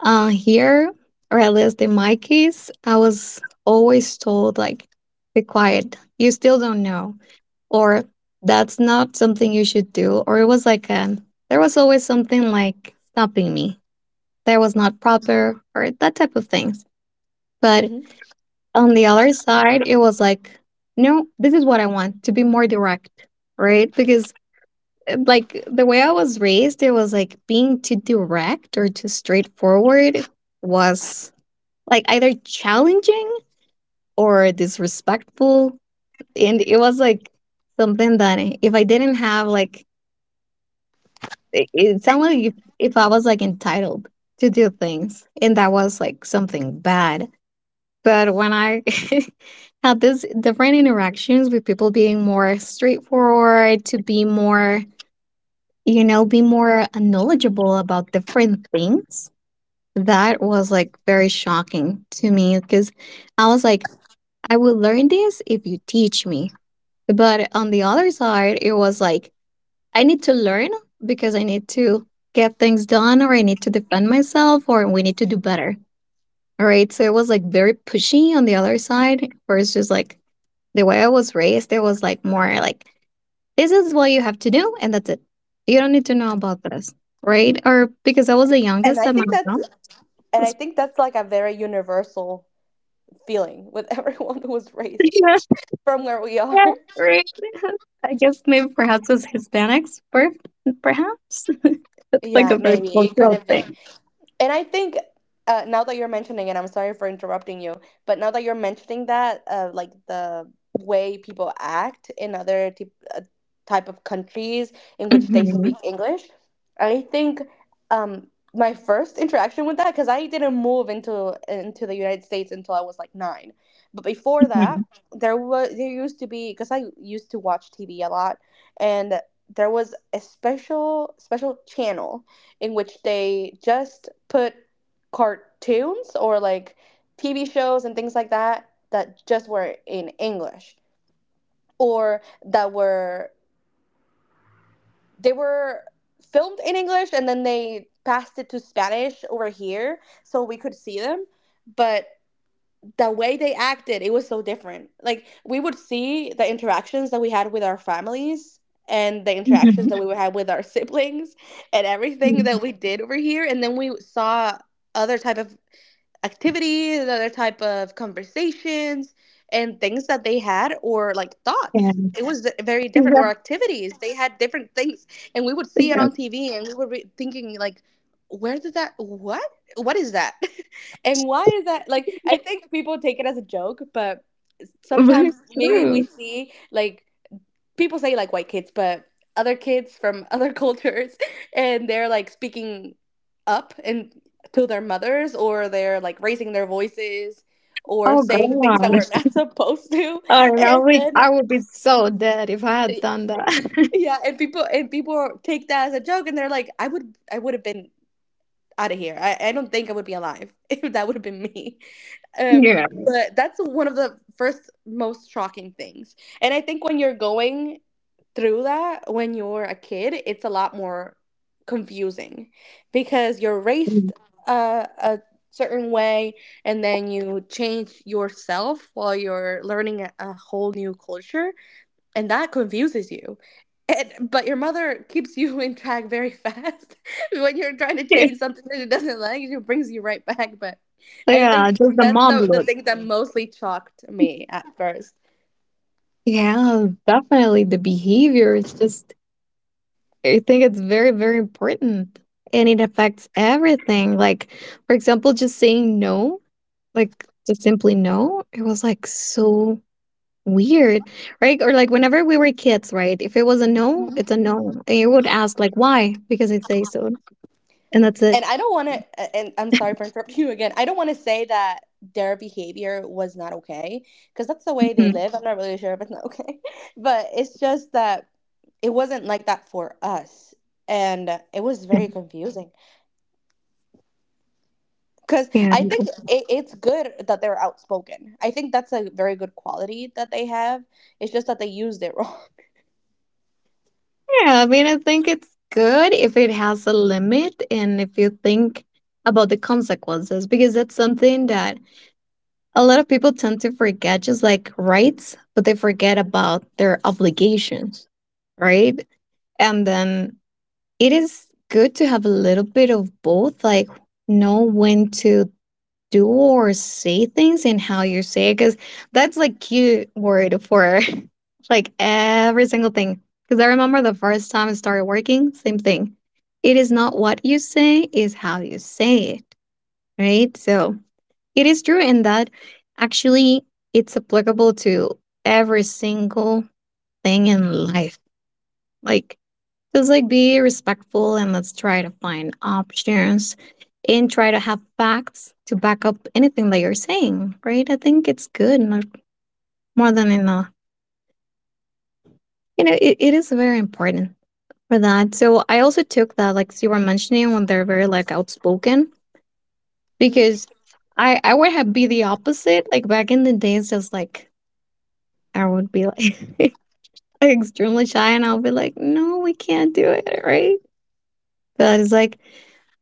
[SPEAKER 2] here or at least in my case, I was always told like, be quiet, you still don't know, or that's not something you should do, or it was like an there was always something like stopping me, that was not proper, or that type of things. But
[SPEAKER 1] Hmm.
[SPEAKER 2] on the other side, it was like, no, this is what I want to be more direct, right? Because like the way I was raised, it was like being too direct or too straightforward was like either challenging or disrespectful. And it was like something that if I didn't have like, it sounded like if I was like entitled to do things and that was like something bad. But when I (laughs) had these different interactions with people being more straightforward, to be more you know, be more knowledgeable about different things. That was like very shocking to me because I was like, I will learn this if you teach me. But on the other side, it was like, I need to learn because I need to get things done or I need to defend myself or we need to do better. All right. So it was like very pushy on the other side versus just like the way I was raised. It was like more like, this is what you have to do, and that's it. You don't need to know about this, right? Or because I was the
[SPEAKER 1] and
[SPEAKER 2] youngest
[SPEAKER 1] i
[SPEAKER 2] at my
[SPEAKER 1] think that's
[SPEAKER 2] mom.
[SPEAKER 1] and I
[SPEAKER 2] was-
[SPEAKER 1] think that's like a very universal feeling with (laughs) everyone who was raised
[SPEAKER 2] (laughs)
[SPEAKER 1] from where we are.
[SPEAKER 2] Yeah, right. I guess maybe perhaps it's Hispanics, perhaps. (laughs) That's like
[SPEAKER 1] Yeah,
[SPEAKER 2] a very
[SPEAKER 1] maybe it could
[SPEAKER 2] cultural
[SPEAKER 1] have been.
[SPEAKER 2] thing.
[SPEAKER 1] And I think now that you're mentioning it, I'm sorry for interrupting you, but now that you're mentioning that, like the way people act in other t uh, type of countries in which they speak
[SPEAKER 2] Mhm,
[SPEAKER 1] English, I think um, my first interaction with that, because I didn't move into the United States until I was like nine, but before that,
[SPEAKER 2] mhm,
[SPEAKER 1] there was there used to be because I used to watch TV a lot, and there was a special channel in which they just put cartoons or like TV shows and things like that, that just were in English, or that were they were filmed in English and then they passed it to Spanish over here, so we could see them. But the way they acted, it was so different. Like, we would see the interactions that we had with our families, and the interactions
[SPEAKER 2] mhm,
[SPEAKER 1] that we would (laughs) have with our siblings, and everything that
[SPEAKER 2] mhm.
[SPEAKER 1] we did over here, and then we saw other type of activities, other type of conversations and things that they had, or like
[SPEAKER 2] Yeah.
[SPEAKER 1] thoughts. It was very different.
[SPEAKER 2] Yes,
[SPEAKER 1] Or activities, they had different things, and we would see it on
[SPEAKER 2] yes.
[SPEAKER 1] TV, and we were thinking like, where did that, what? What is that? (laughs) And why is that? Like, I think people take it as a joke, but
[SPEAKER 2] (laughs) Very
[SPEAKER 1] sometimes maybe we
[SPEAKER 2] true.
[SPEAKER 1] see like, people say like white kids, but other kids from (laughs) other cultures, and they're like speaking up and to their mothers, or they're like raising their voices, or
[SPEAKER 2] Oh
[SPEAKER 1] saying things that
[SPEAKER 2] God.
[SPEAKER 1] we're not supposed to,
[SPEAKER 2] I don't know.
[SPEAKER 1] and
[SPEAKER 2] Like
[SPEAKER 1] then
[SPEAKER 2] I would be so dead if I had done that.
[SPEAKER 1] yeah, and people take that as a joke, and they're like, I would have been out of here. I don't think I would be alive (laughs) if that would have been me. Um,
[SPEAKER 2] (laughs) Yeah.
[SPEAKER 1] but that's one of the first most shocking things. And I think when you're going through that when you're a kid, it's a lot more confusing, because you're raised
[SPEAKER 2] (laughs)
[SPEAKER 1] a certain way, and then you change yourself while you're learning a whole new culture, and that confuses you. And, but your mother keeps (laughs) you in track very fast (laughs) when you're trying to change something that she doesn't like. She brings you right back. But I
[SPEAKER 2] Yeah,
[SPEAKER 1] think
[SPEAKER 2] just the
[SPEAKER 1] that's
[SPEAKER 2] mom
[SPEAKER 1] the
[SPEAKER 2] look.
[SPEAKER 1] thing that mostly shocked me at first.
[SPEAKER 2] Yeah, definitely. The behavior is just, I think it's very, very important and it affects everything. Like, for example, just saying no, like just simply no, it was like so weird, right? Or like whenever we were kids, right? If it was a no, it's a no. And you would ask, like, why? Because I say so. And that's it.
[SPEAKER 1] And I don't want to, and I'm sorry for interrupting you again. I don't want to say that their behavior was not okay, because that's the way they
[SPEAKER 2] Mhm.
[SPEAKER 1] live. I'm not really sure if it's not okay, (laughs) but it's just that it wasn't like that for us. And it was very confusing, because
[SPEAKER 2] Yeah.
[SPEAKER 1] I think it's good that they're outspoken. I think that's a very good quality that they have. It's just that they used it (laughs) wrong.
[SPEAKER 2] Yeah. I mean, I think it's good if it has a limit and if you think about the consequences, because that's something that a lot of people tend to forget just like rights, but they forget about their obligations, right? And then it is good to have a little bit of both, like know when to do or say things and how you say it, because that's like cute word for (laughs) like every single thing. Because I remember the first time I started working, same thing. It is not what you say, is how you say it, right? So it is true and that actually it's applicable to every single thing in life. Like, just like be respectful and let's try to find options and try to have facts to back up anything that you're saying, right? I think it's good and more than enough. You know, it is very important for that. So I also took that, like you were mentioning, when they're very like outspoken,
[SPEAKER 1] Mhm.
[SPEAKER 2] because I would have be the opposite. Like back in the days, just like I would be like (laughs) extremely shy and I'll be like, no, we can't do it, right? But it's like,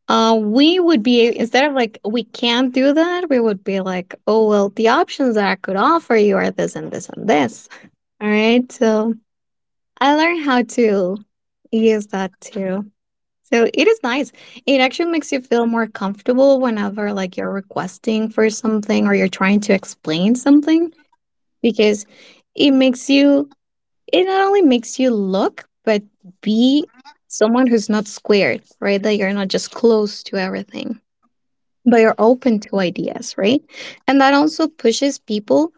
[SPEAKER 2] we would be, instead of like, we can't do that, we would be like, oh, well, the options that I could offer you are this and this and this. All right. So I learned how to use that too. So it is nice. It actually makes you feel more comfortable whenever like you're requesting for something or you're trying to explain something because it makes you it not only makes you look, but be someone who's not squared, right? That you're not just close to everything, but you're open to ideas, right? And that also pushes people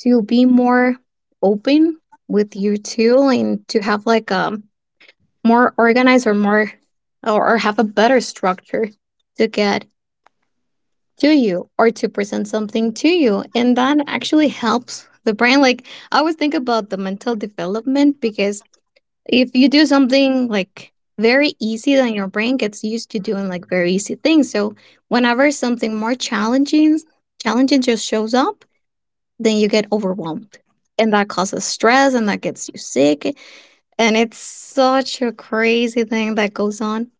[SPEAKER 2] to be more open with you too and to have like a more organized or or have a better structure to get to you or to present something to you. And that actually helps the brain. Like I always think about the mental development, because if you do something like very easy, then your brain gets used to doing like very easy things. So whenever something more challenging just shows up, then you get overwhelmed. And that causes stress and that gets you sick. And it's such a crazy thing that goes on.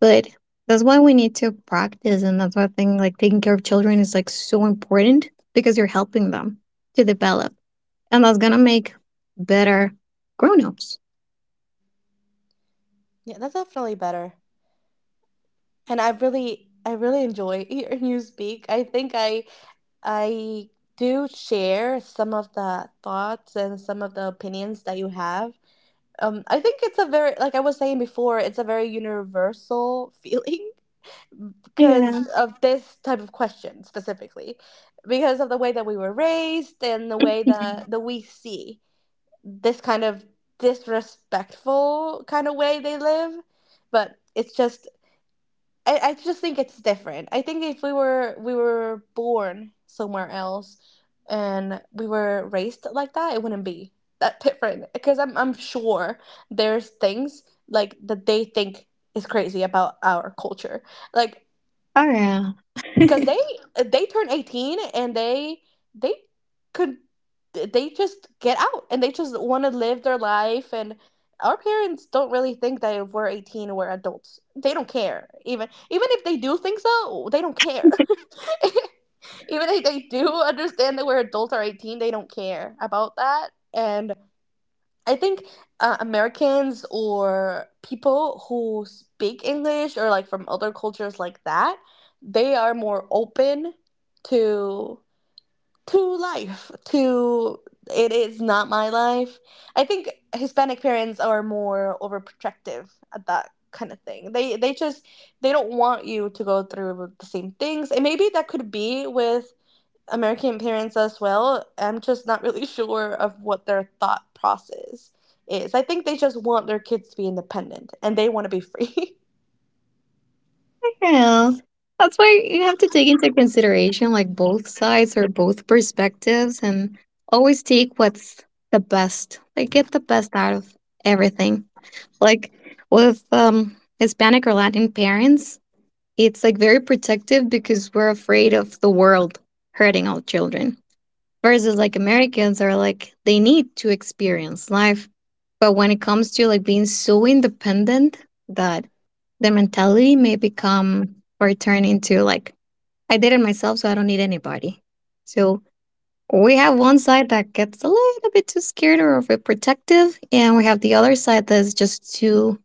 [SPEAKER 2] But that's why we need to practice, and that's why I think like taking care of children is like so important because you're helping them to develop. And that's gonna make better grown ups.
[SPEAKER 1] Yeah, that's definitely better. And I really enjoy (laughs) hearing you speak. I think I do share some of the thoughts and some of the opinions that you have. I think it's a very, like I was saying before, it's a very universal (laughs) feeling because
[SPEAKER 2] Yeah.
[SPEAKER 1] of this type of question specifically, because of the way that we were raised, and the way that, that we see this kind of disrespectful kind of way they live. But it's just I just think it's different. I think if we were born somewhere else and we were raised like that, it wouldn't be that different. Because I'm sure there's things like that they think is crazy about our culture. Like
[SPEAKER 2] Oh, yeah. (laughs)
[SPEAKER 1] because they turn 18 and they could they just get out and they just want to live their life. And our parents don't really think that if we're 18 and we're adults, they don't care. Even if they do think so, they don't care (laughs) even if they do understand that we're adults or 18, they don't care about that. And I think Americans or people who speak English or like from other cultures like that, they are more open to to life. To it is not my life. I think Hispanic parents are more overprotective at that kind of thing. They just they don't want you to go through the same things. And maybe that could be with American parents as well. I'm just not really (laughs) sure of what their thought process is. I think they just want their kids to be independent and they want to be free.
[SPEAKER 2] Yeah. That's why you have to take into consideration like both sides or both perspectives and always take what's the best. Like get the best out of everything. Like with Hispanic or Latin parents, it's like very protective because we're afraid of the world hurting our children. Versus like Americans are like they need to experience life. But when it comes to like being so independent that their mentality may become or turn into like I did it myself so I don't need anybody. So we have one side that gets a little bit too scared or overprotective and we have the other side that's just too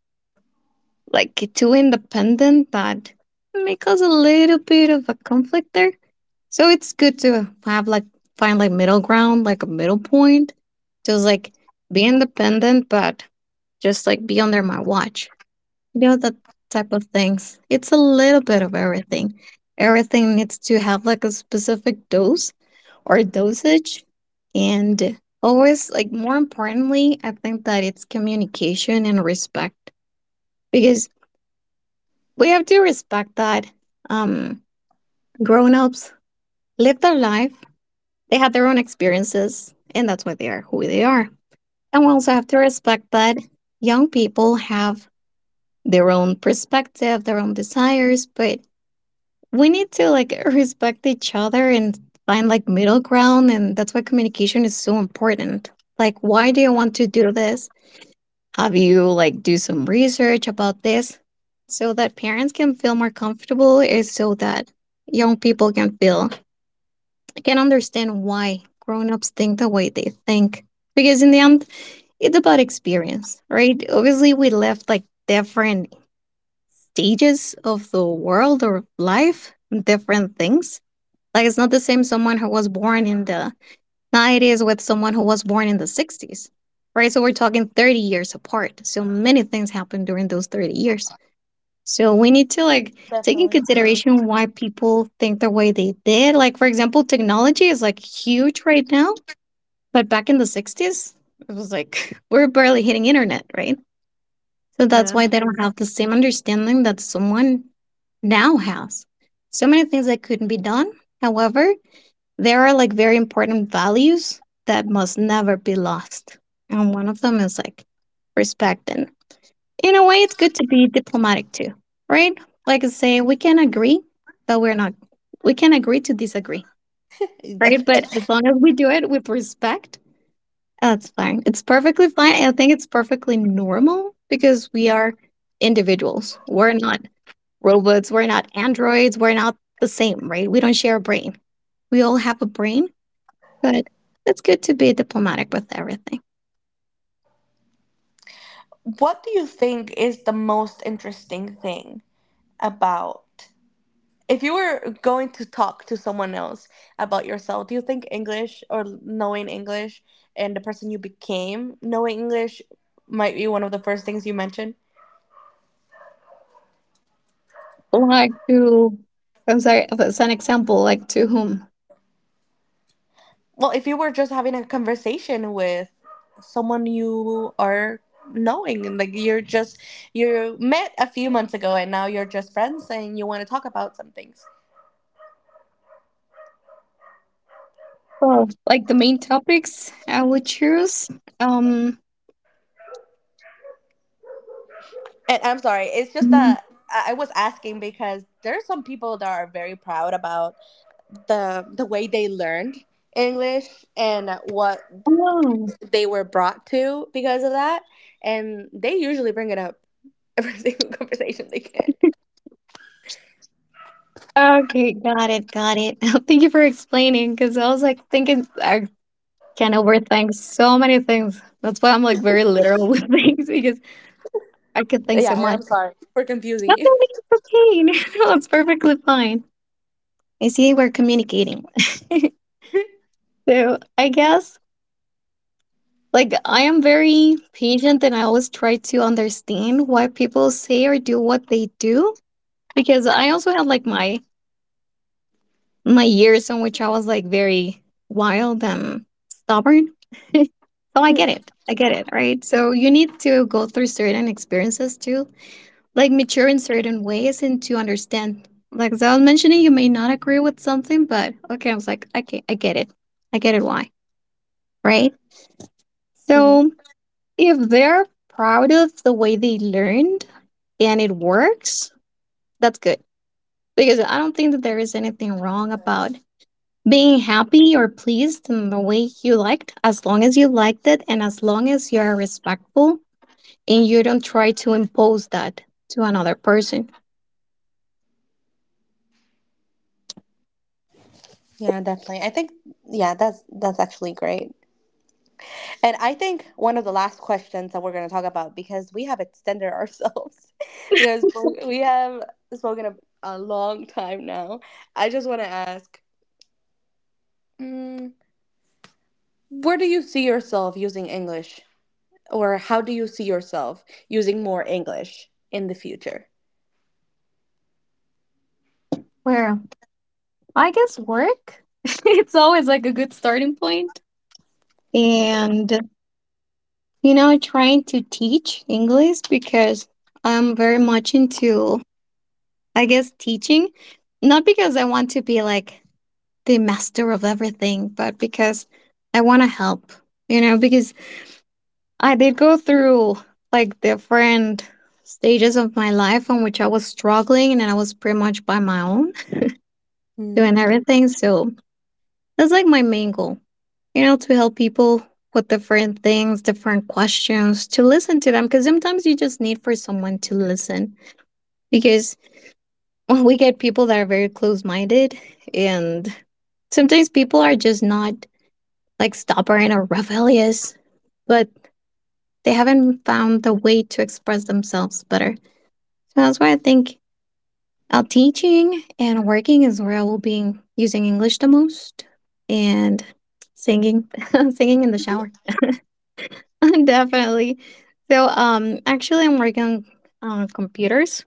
[SPEAKER 2] like too independent that may cause a little bit of a conflict there. So it's good to have like find like middle ground, like a middle point. Just like be independent, but just like be under my watch. You know, that type of things. It's a little bit of everything. Everything needs to have like a specific dose or dosage, and always like more importantly, I think that it's communication and respect, because we have to respect that um, grown ups live their life, they had their own experiences, and that's why they are who they are. And we also have to respect that young people have their own perspective, their own desires, but we need to like (laughs) respect each other and find like middle ground. And that's why communication is so important. Like, why do you want to do this? Have you like do some research about this so that parents can feel more comfortable and so that young people can feel can understand why grown-ups think the way they think? Because in the end, it's about experience, right? Obviously, we left like different stages of the world or life, different things. Like it's not the same someone who was born in the now it is with someone who was born in the 60s, right? So we're talking 30 years apart. So many things happened during those 30 years. So we need to like
[SPEAKER 1] (laughs)
[SPEAKER 2] take in
[SPEAKER 1] Definitely.
[SPEAKER 2] consideration why people think the way they did. Like for example, technology is like huge right now, but back in the 60s, it was like (laughs) we're barely hitting internet, right? So that's why
[SPEAKER 1] Yeah.
[SPEAKER 2] they don't have the same understanding that someone now has. So many things that couldn't be done. However, there are like very important values that must never be lost. And one of them is like respect. And in a way, it's good to be diplomatic too, right? Like I say, we can agree that we're not, we can agree to disagree, right? But
[SPEAKER 1] (laughs)
[SPEAKER 2] as long as we do it with respect, that's fine. It's perfectly fine. I think it's perfectly normal because we are individuals. We're not robots. We're not androids. We're not the same, right? We don't share a brain. We all have a brain, but it's good to be diplomatic with everything.
[SPEAKER 1] What do you think is the most interesting thing about, if you were going to talk to someone else about yourself, do you think English, or knowing English and the person you became knowing English, might be one of the first things you mention?
[SPEAKER 2] Like to I'm sorry, that's an example, like to whom?
[SPEAKER 1] Well, if you were just having a conversation with someone you are knowing and like you're just, you met a few months ago and now you're just friends and you want to talk about some things.
[SPEAKER 2] Oh, like the main topics I would choose. Um,
[SPEAKER 1] And I'm sorry, it's just
[SPEAKER 2] mm,
[SPEAKER 1] that I was asking because there are some people that are very proud about the way they learned English and what
[SPEAKER 2] oh,
[SPEAKER 1] they were brought to because of that, and they usually bring it up every (laughs) single conversation they can.
[SPEAKER 2] (laughs) okay, got it. (laughs) Thank you for explaining because I was like thinking I can overthink so many things. That's why I'm like very literal (laughs) with things because I could think so
[SPEAKER 1] Yeah, and
[SPEAKER 2] much.
[SPEAKER 1] I'm sorry for
[SPEAKER 2] (laughs)
[SPEAKER 1] confusing
[SPEAKER 2] Nothing being cocaine. (laughs) It's perfectly fine. I see we're communicating. (laughs)
[SPEAKER 1] you.
[SPEAKER 2] So I guess like, I am very patient and I always try to understand why people say or do what they do because I also had like my years in which I was like very wild and stubborn. (laughs) So I get
[SPEAKER 1] (laughs)
[SPEAKER 2] it. I get it, right? So you need to go through certain experiences too, like mature in certain ways and to understand. Like as I was mentioning, you may not agree with something, but okay, I was like, okay, I get it. I get it why, right?
[SPEAKER 1] Hmm.
[SPEAKER 2] So if they're proud of the way they learned and it works, that's good. Because I don't think that there is anything wrong about being happy or pleased in the way you liked, as long as you liked it and as long as you are respectful and you don't try to impose that to another person.
[SPEAKER 1] Yeah, definitely. I think, yeah, that's actually great. And I think one of the last questions that we're going to talk about, because we have extended ourselves, (laughs)
[SPEAKER 2] (laughs)
[SPEAKER 1] we have spoken a long time now. I just want to ask, mm, where do you see yourself using English, or how do you see yourself using more English in the future?
[SPEAKER 2] Where I guess work. (laughs) It's always like a good starting point. And, you know, trying to teach English because I'm very much into, I guess, teaching. Not because I want to be like the master of everything, but because I want to help, you know, because I did go through like different stages of my life in which I was struggling and I was pretty much by my own doing
[SPEAKER 1] Hmm.
[SPEAKER 2] everything. So that's like my main goal, you know, to help people with different things, different questions, to listen to them. Because sometimes you just need for someone to listen. Because (laughs) when we get people that are very close minded, and sometimes people are just not like stubborn or rebellious, but they haven't found the way to express themselves better. So that's why I think our teaching and working is where I will be using English the most and singing, (laughs) singing in the shower. (laughs) Definitely. So, actually, I'm working on computers.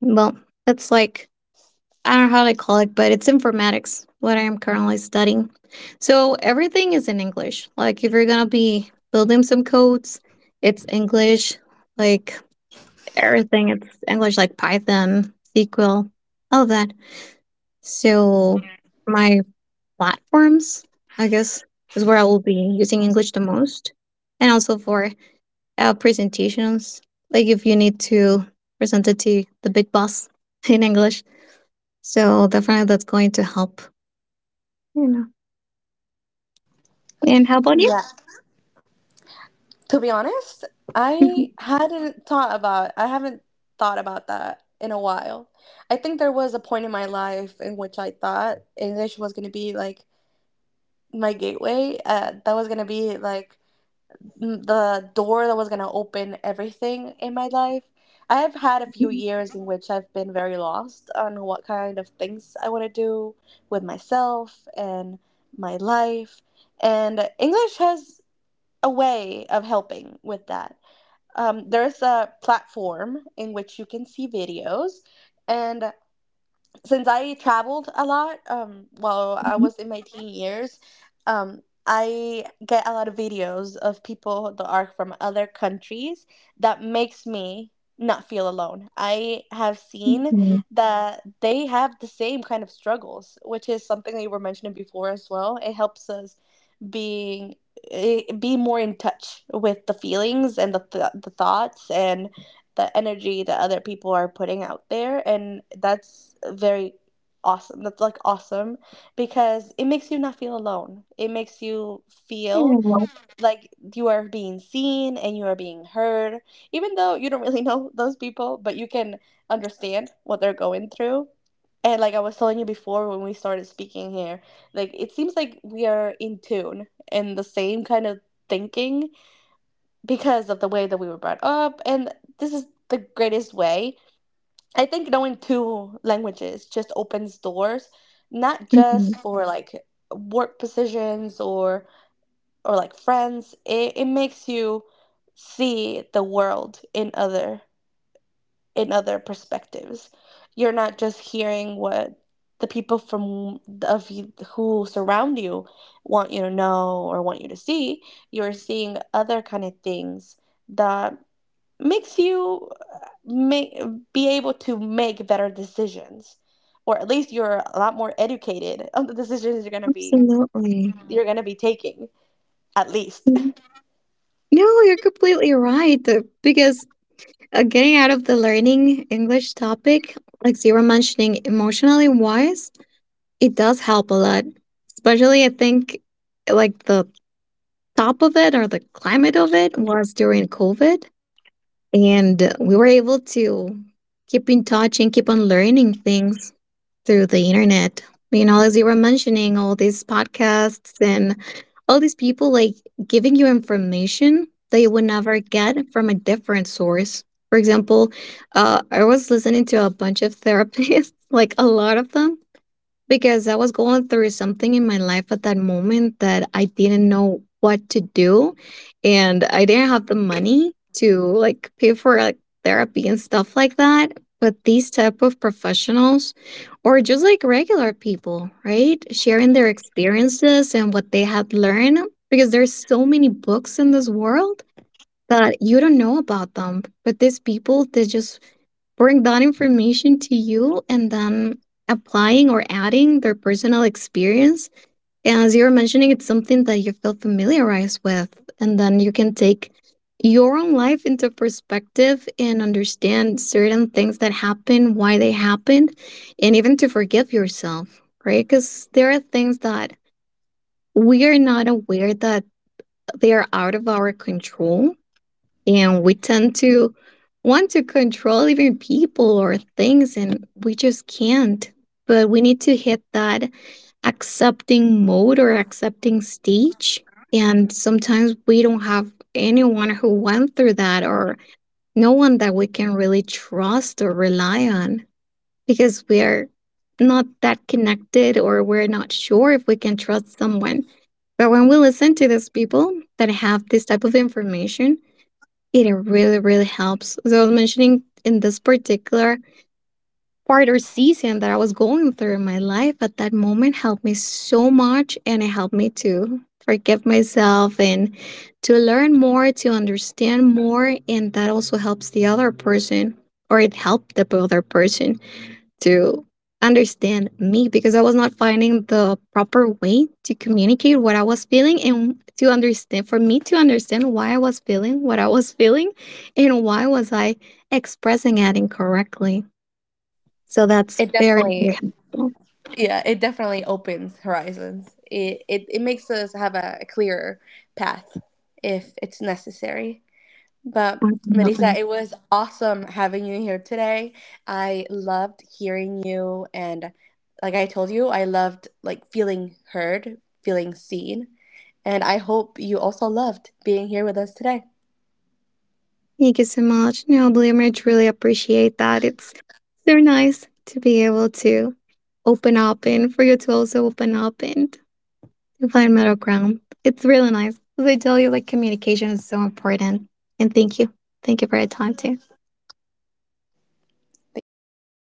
[SPEAKER 2] Well, it's like, I don't know how they call it, but it's informatics, what I am currently studying. So, everything is in English. Like, if you're going to be building some codes, it's English. Like, everything, it's English, like Python, SQL, all of that. So, my platforms, I guess, is where I will be using English the most. And also for presentations. Like if you need to present it to the big boss (laughs) in English, so definitely that's going to help. You know. And how about you?
[SPEAKER 1] Yeah. To be honest,
[SPEAKER 2] Mhm.
[SPEAKER 1] I haven't thought about that in a while. I think there was a point in my life in which I thought English was going to be like my gateway. That was going to be like the door that was going to open everything in my life. I've had a few years in which I've been very lost on what kind of things I want to do with myself and my life. And English has a way of helping with that. There's a platform in which you can see videos. And since I traveled a lot while I
[SPEAKER 2] Mhm.
[SPEAKER 1] was in my teen years, um, I get a lot of videos of people that are from other countries that makes me not feel alone. I have seen that they have the same kind of struggles, which is something that you were mentioning before as well. It helps us being be more in touch with the feelings and the thoughts and the energy that other people are putting out there. And that's very awesome. That's like awesome because it makes you not feel alone. It makes you feel
[SPEAKER 2] Yeah.
[SPEAKER 1] like you are being seen and you are being heard, even though you don't really (laughs) know those people, but you can understand what they're going through. And like I was telling you before when we started speaking here, like it seems like we are in tune and the same kind of thinking because of the way that we were brought up. And this is the greatest way, I think. Knowing two languages just opens doors, not just
[SPEAKER 2] Mhm. (laughs)
[SPEAKER 1] for like work positions or like friends. It makes you see the world in other perspectives. You're not just hearing what the people from of you who surround you want you to know or want you to see. You're seeing other kind of things that makes you make be able to make better decisions, or at least you're a lot more educated on the decisions
[SPEAKER 2] Absolutely.
[SPEAKER 1] you're going to be taking, at least.
[SPEAKER 2] Mhm. No, you're completely right. Because getting out of the learning English topic, like you were mentioning, emotionally wise, it does help a lot, especially I think like the top of it or the climate of it was during COVID. And we were able to keep in touch and keep on learning things through the internet. You know, as you were mentioning, all these podcasts and all these people like giving you information that you would never get from a different source. For example, I was listening to a bunch of therapists, (laughs) like a lot of them, because I was going through something in my life at that moment that I didn't know what to do and I didn't have the money to like pay for like therapy and stuff like that, but these type of professionals or just like regular people, right, sharing their experiences and what they had learned, because there's so many books in this world that you don't know about them. But these people, they just bring that information to you and then applying or adding their personal experience. And as you are mentioning, it's something that you feel familiarized with. And then you can take your own life into perspective and understand certain things that happen, why they happened, and even to forgive yourself, right? Because there are things that we are not aware that they are out of our control and we tend to want to control even people or things, and we just can't. But we need to hit that accepting mode or accepting stage. And sometimes we don't have anyone who went through that or no one that we can really trust or rely on because we are not that connected or we're not sure if we can trust someone. But when we listen to these people that have this type of information, it really, really helps. As I was mentioning, in this particular part or season that I was going through in my life at that moment, helped me so much and it helped me to forgive myself and to learn more, to understand more. And that also helps the other person or it helped the other person to understand me because I was not finding the proper way to communicate what I was feeling and to understand for me to understand why I was feeling what I was feeling and why was I expressing it incorrectly. So that's
[SPEAKER 1] It
[SPEAKER 2] very, very
[SPEAKER 1] definitely.
[SPEAKER 2] helpful.
[SPEAKER 1] Yeah, it definitely opens horizons. It makes us have a clearer path if it's necessary. But Melissa,
[SPEAKER 2] Definitely.
[SPEAKER 1] it was awesome having you here today. I loved hearing you, and like I told you, I loved like feeling heard, feeling seen. And I hope you also loved being here with us today.
[SPEAKER 2] Thank you so much. No, believe me, I truly appreciate that. It's so nice to be able to open up and for you to also open up and to find middle ground. It's really nice. As I tell you, like communication is so important. And thank you. Thank you for your time too.
[SPEAKER 1] Thank you.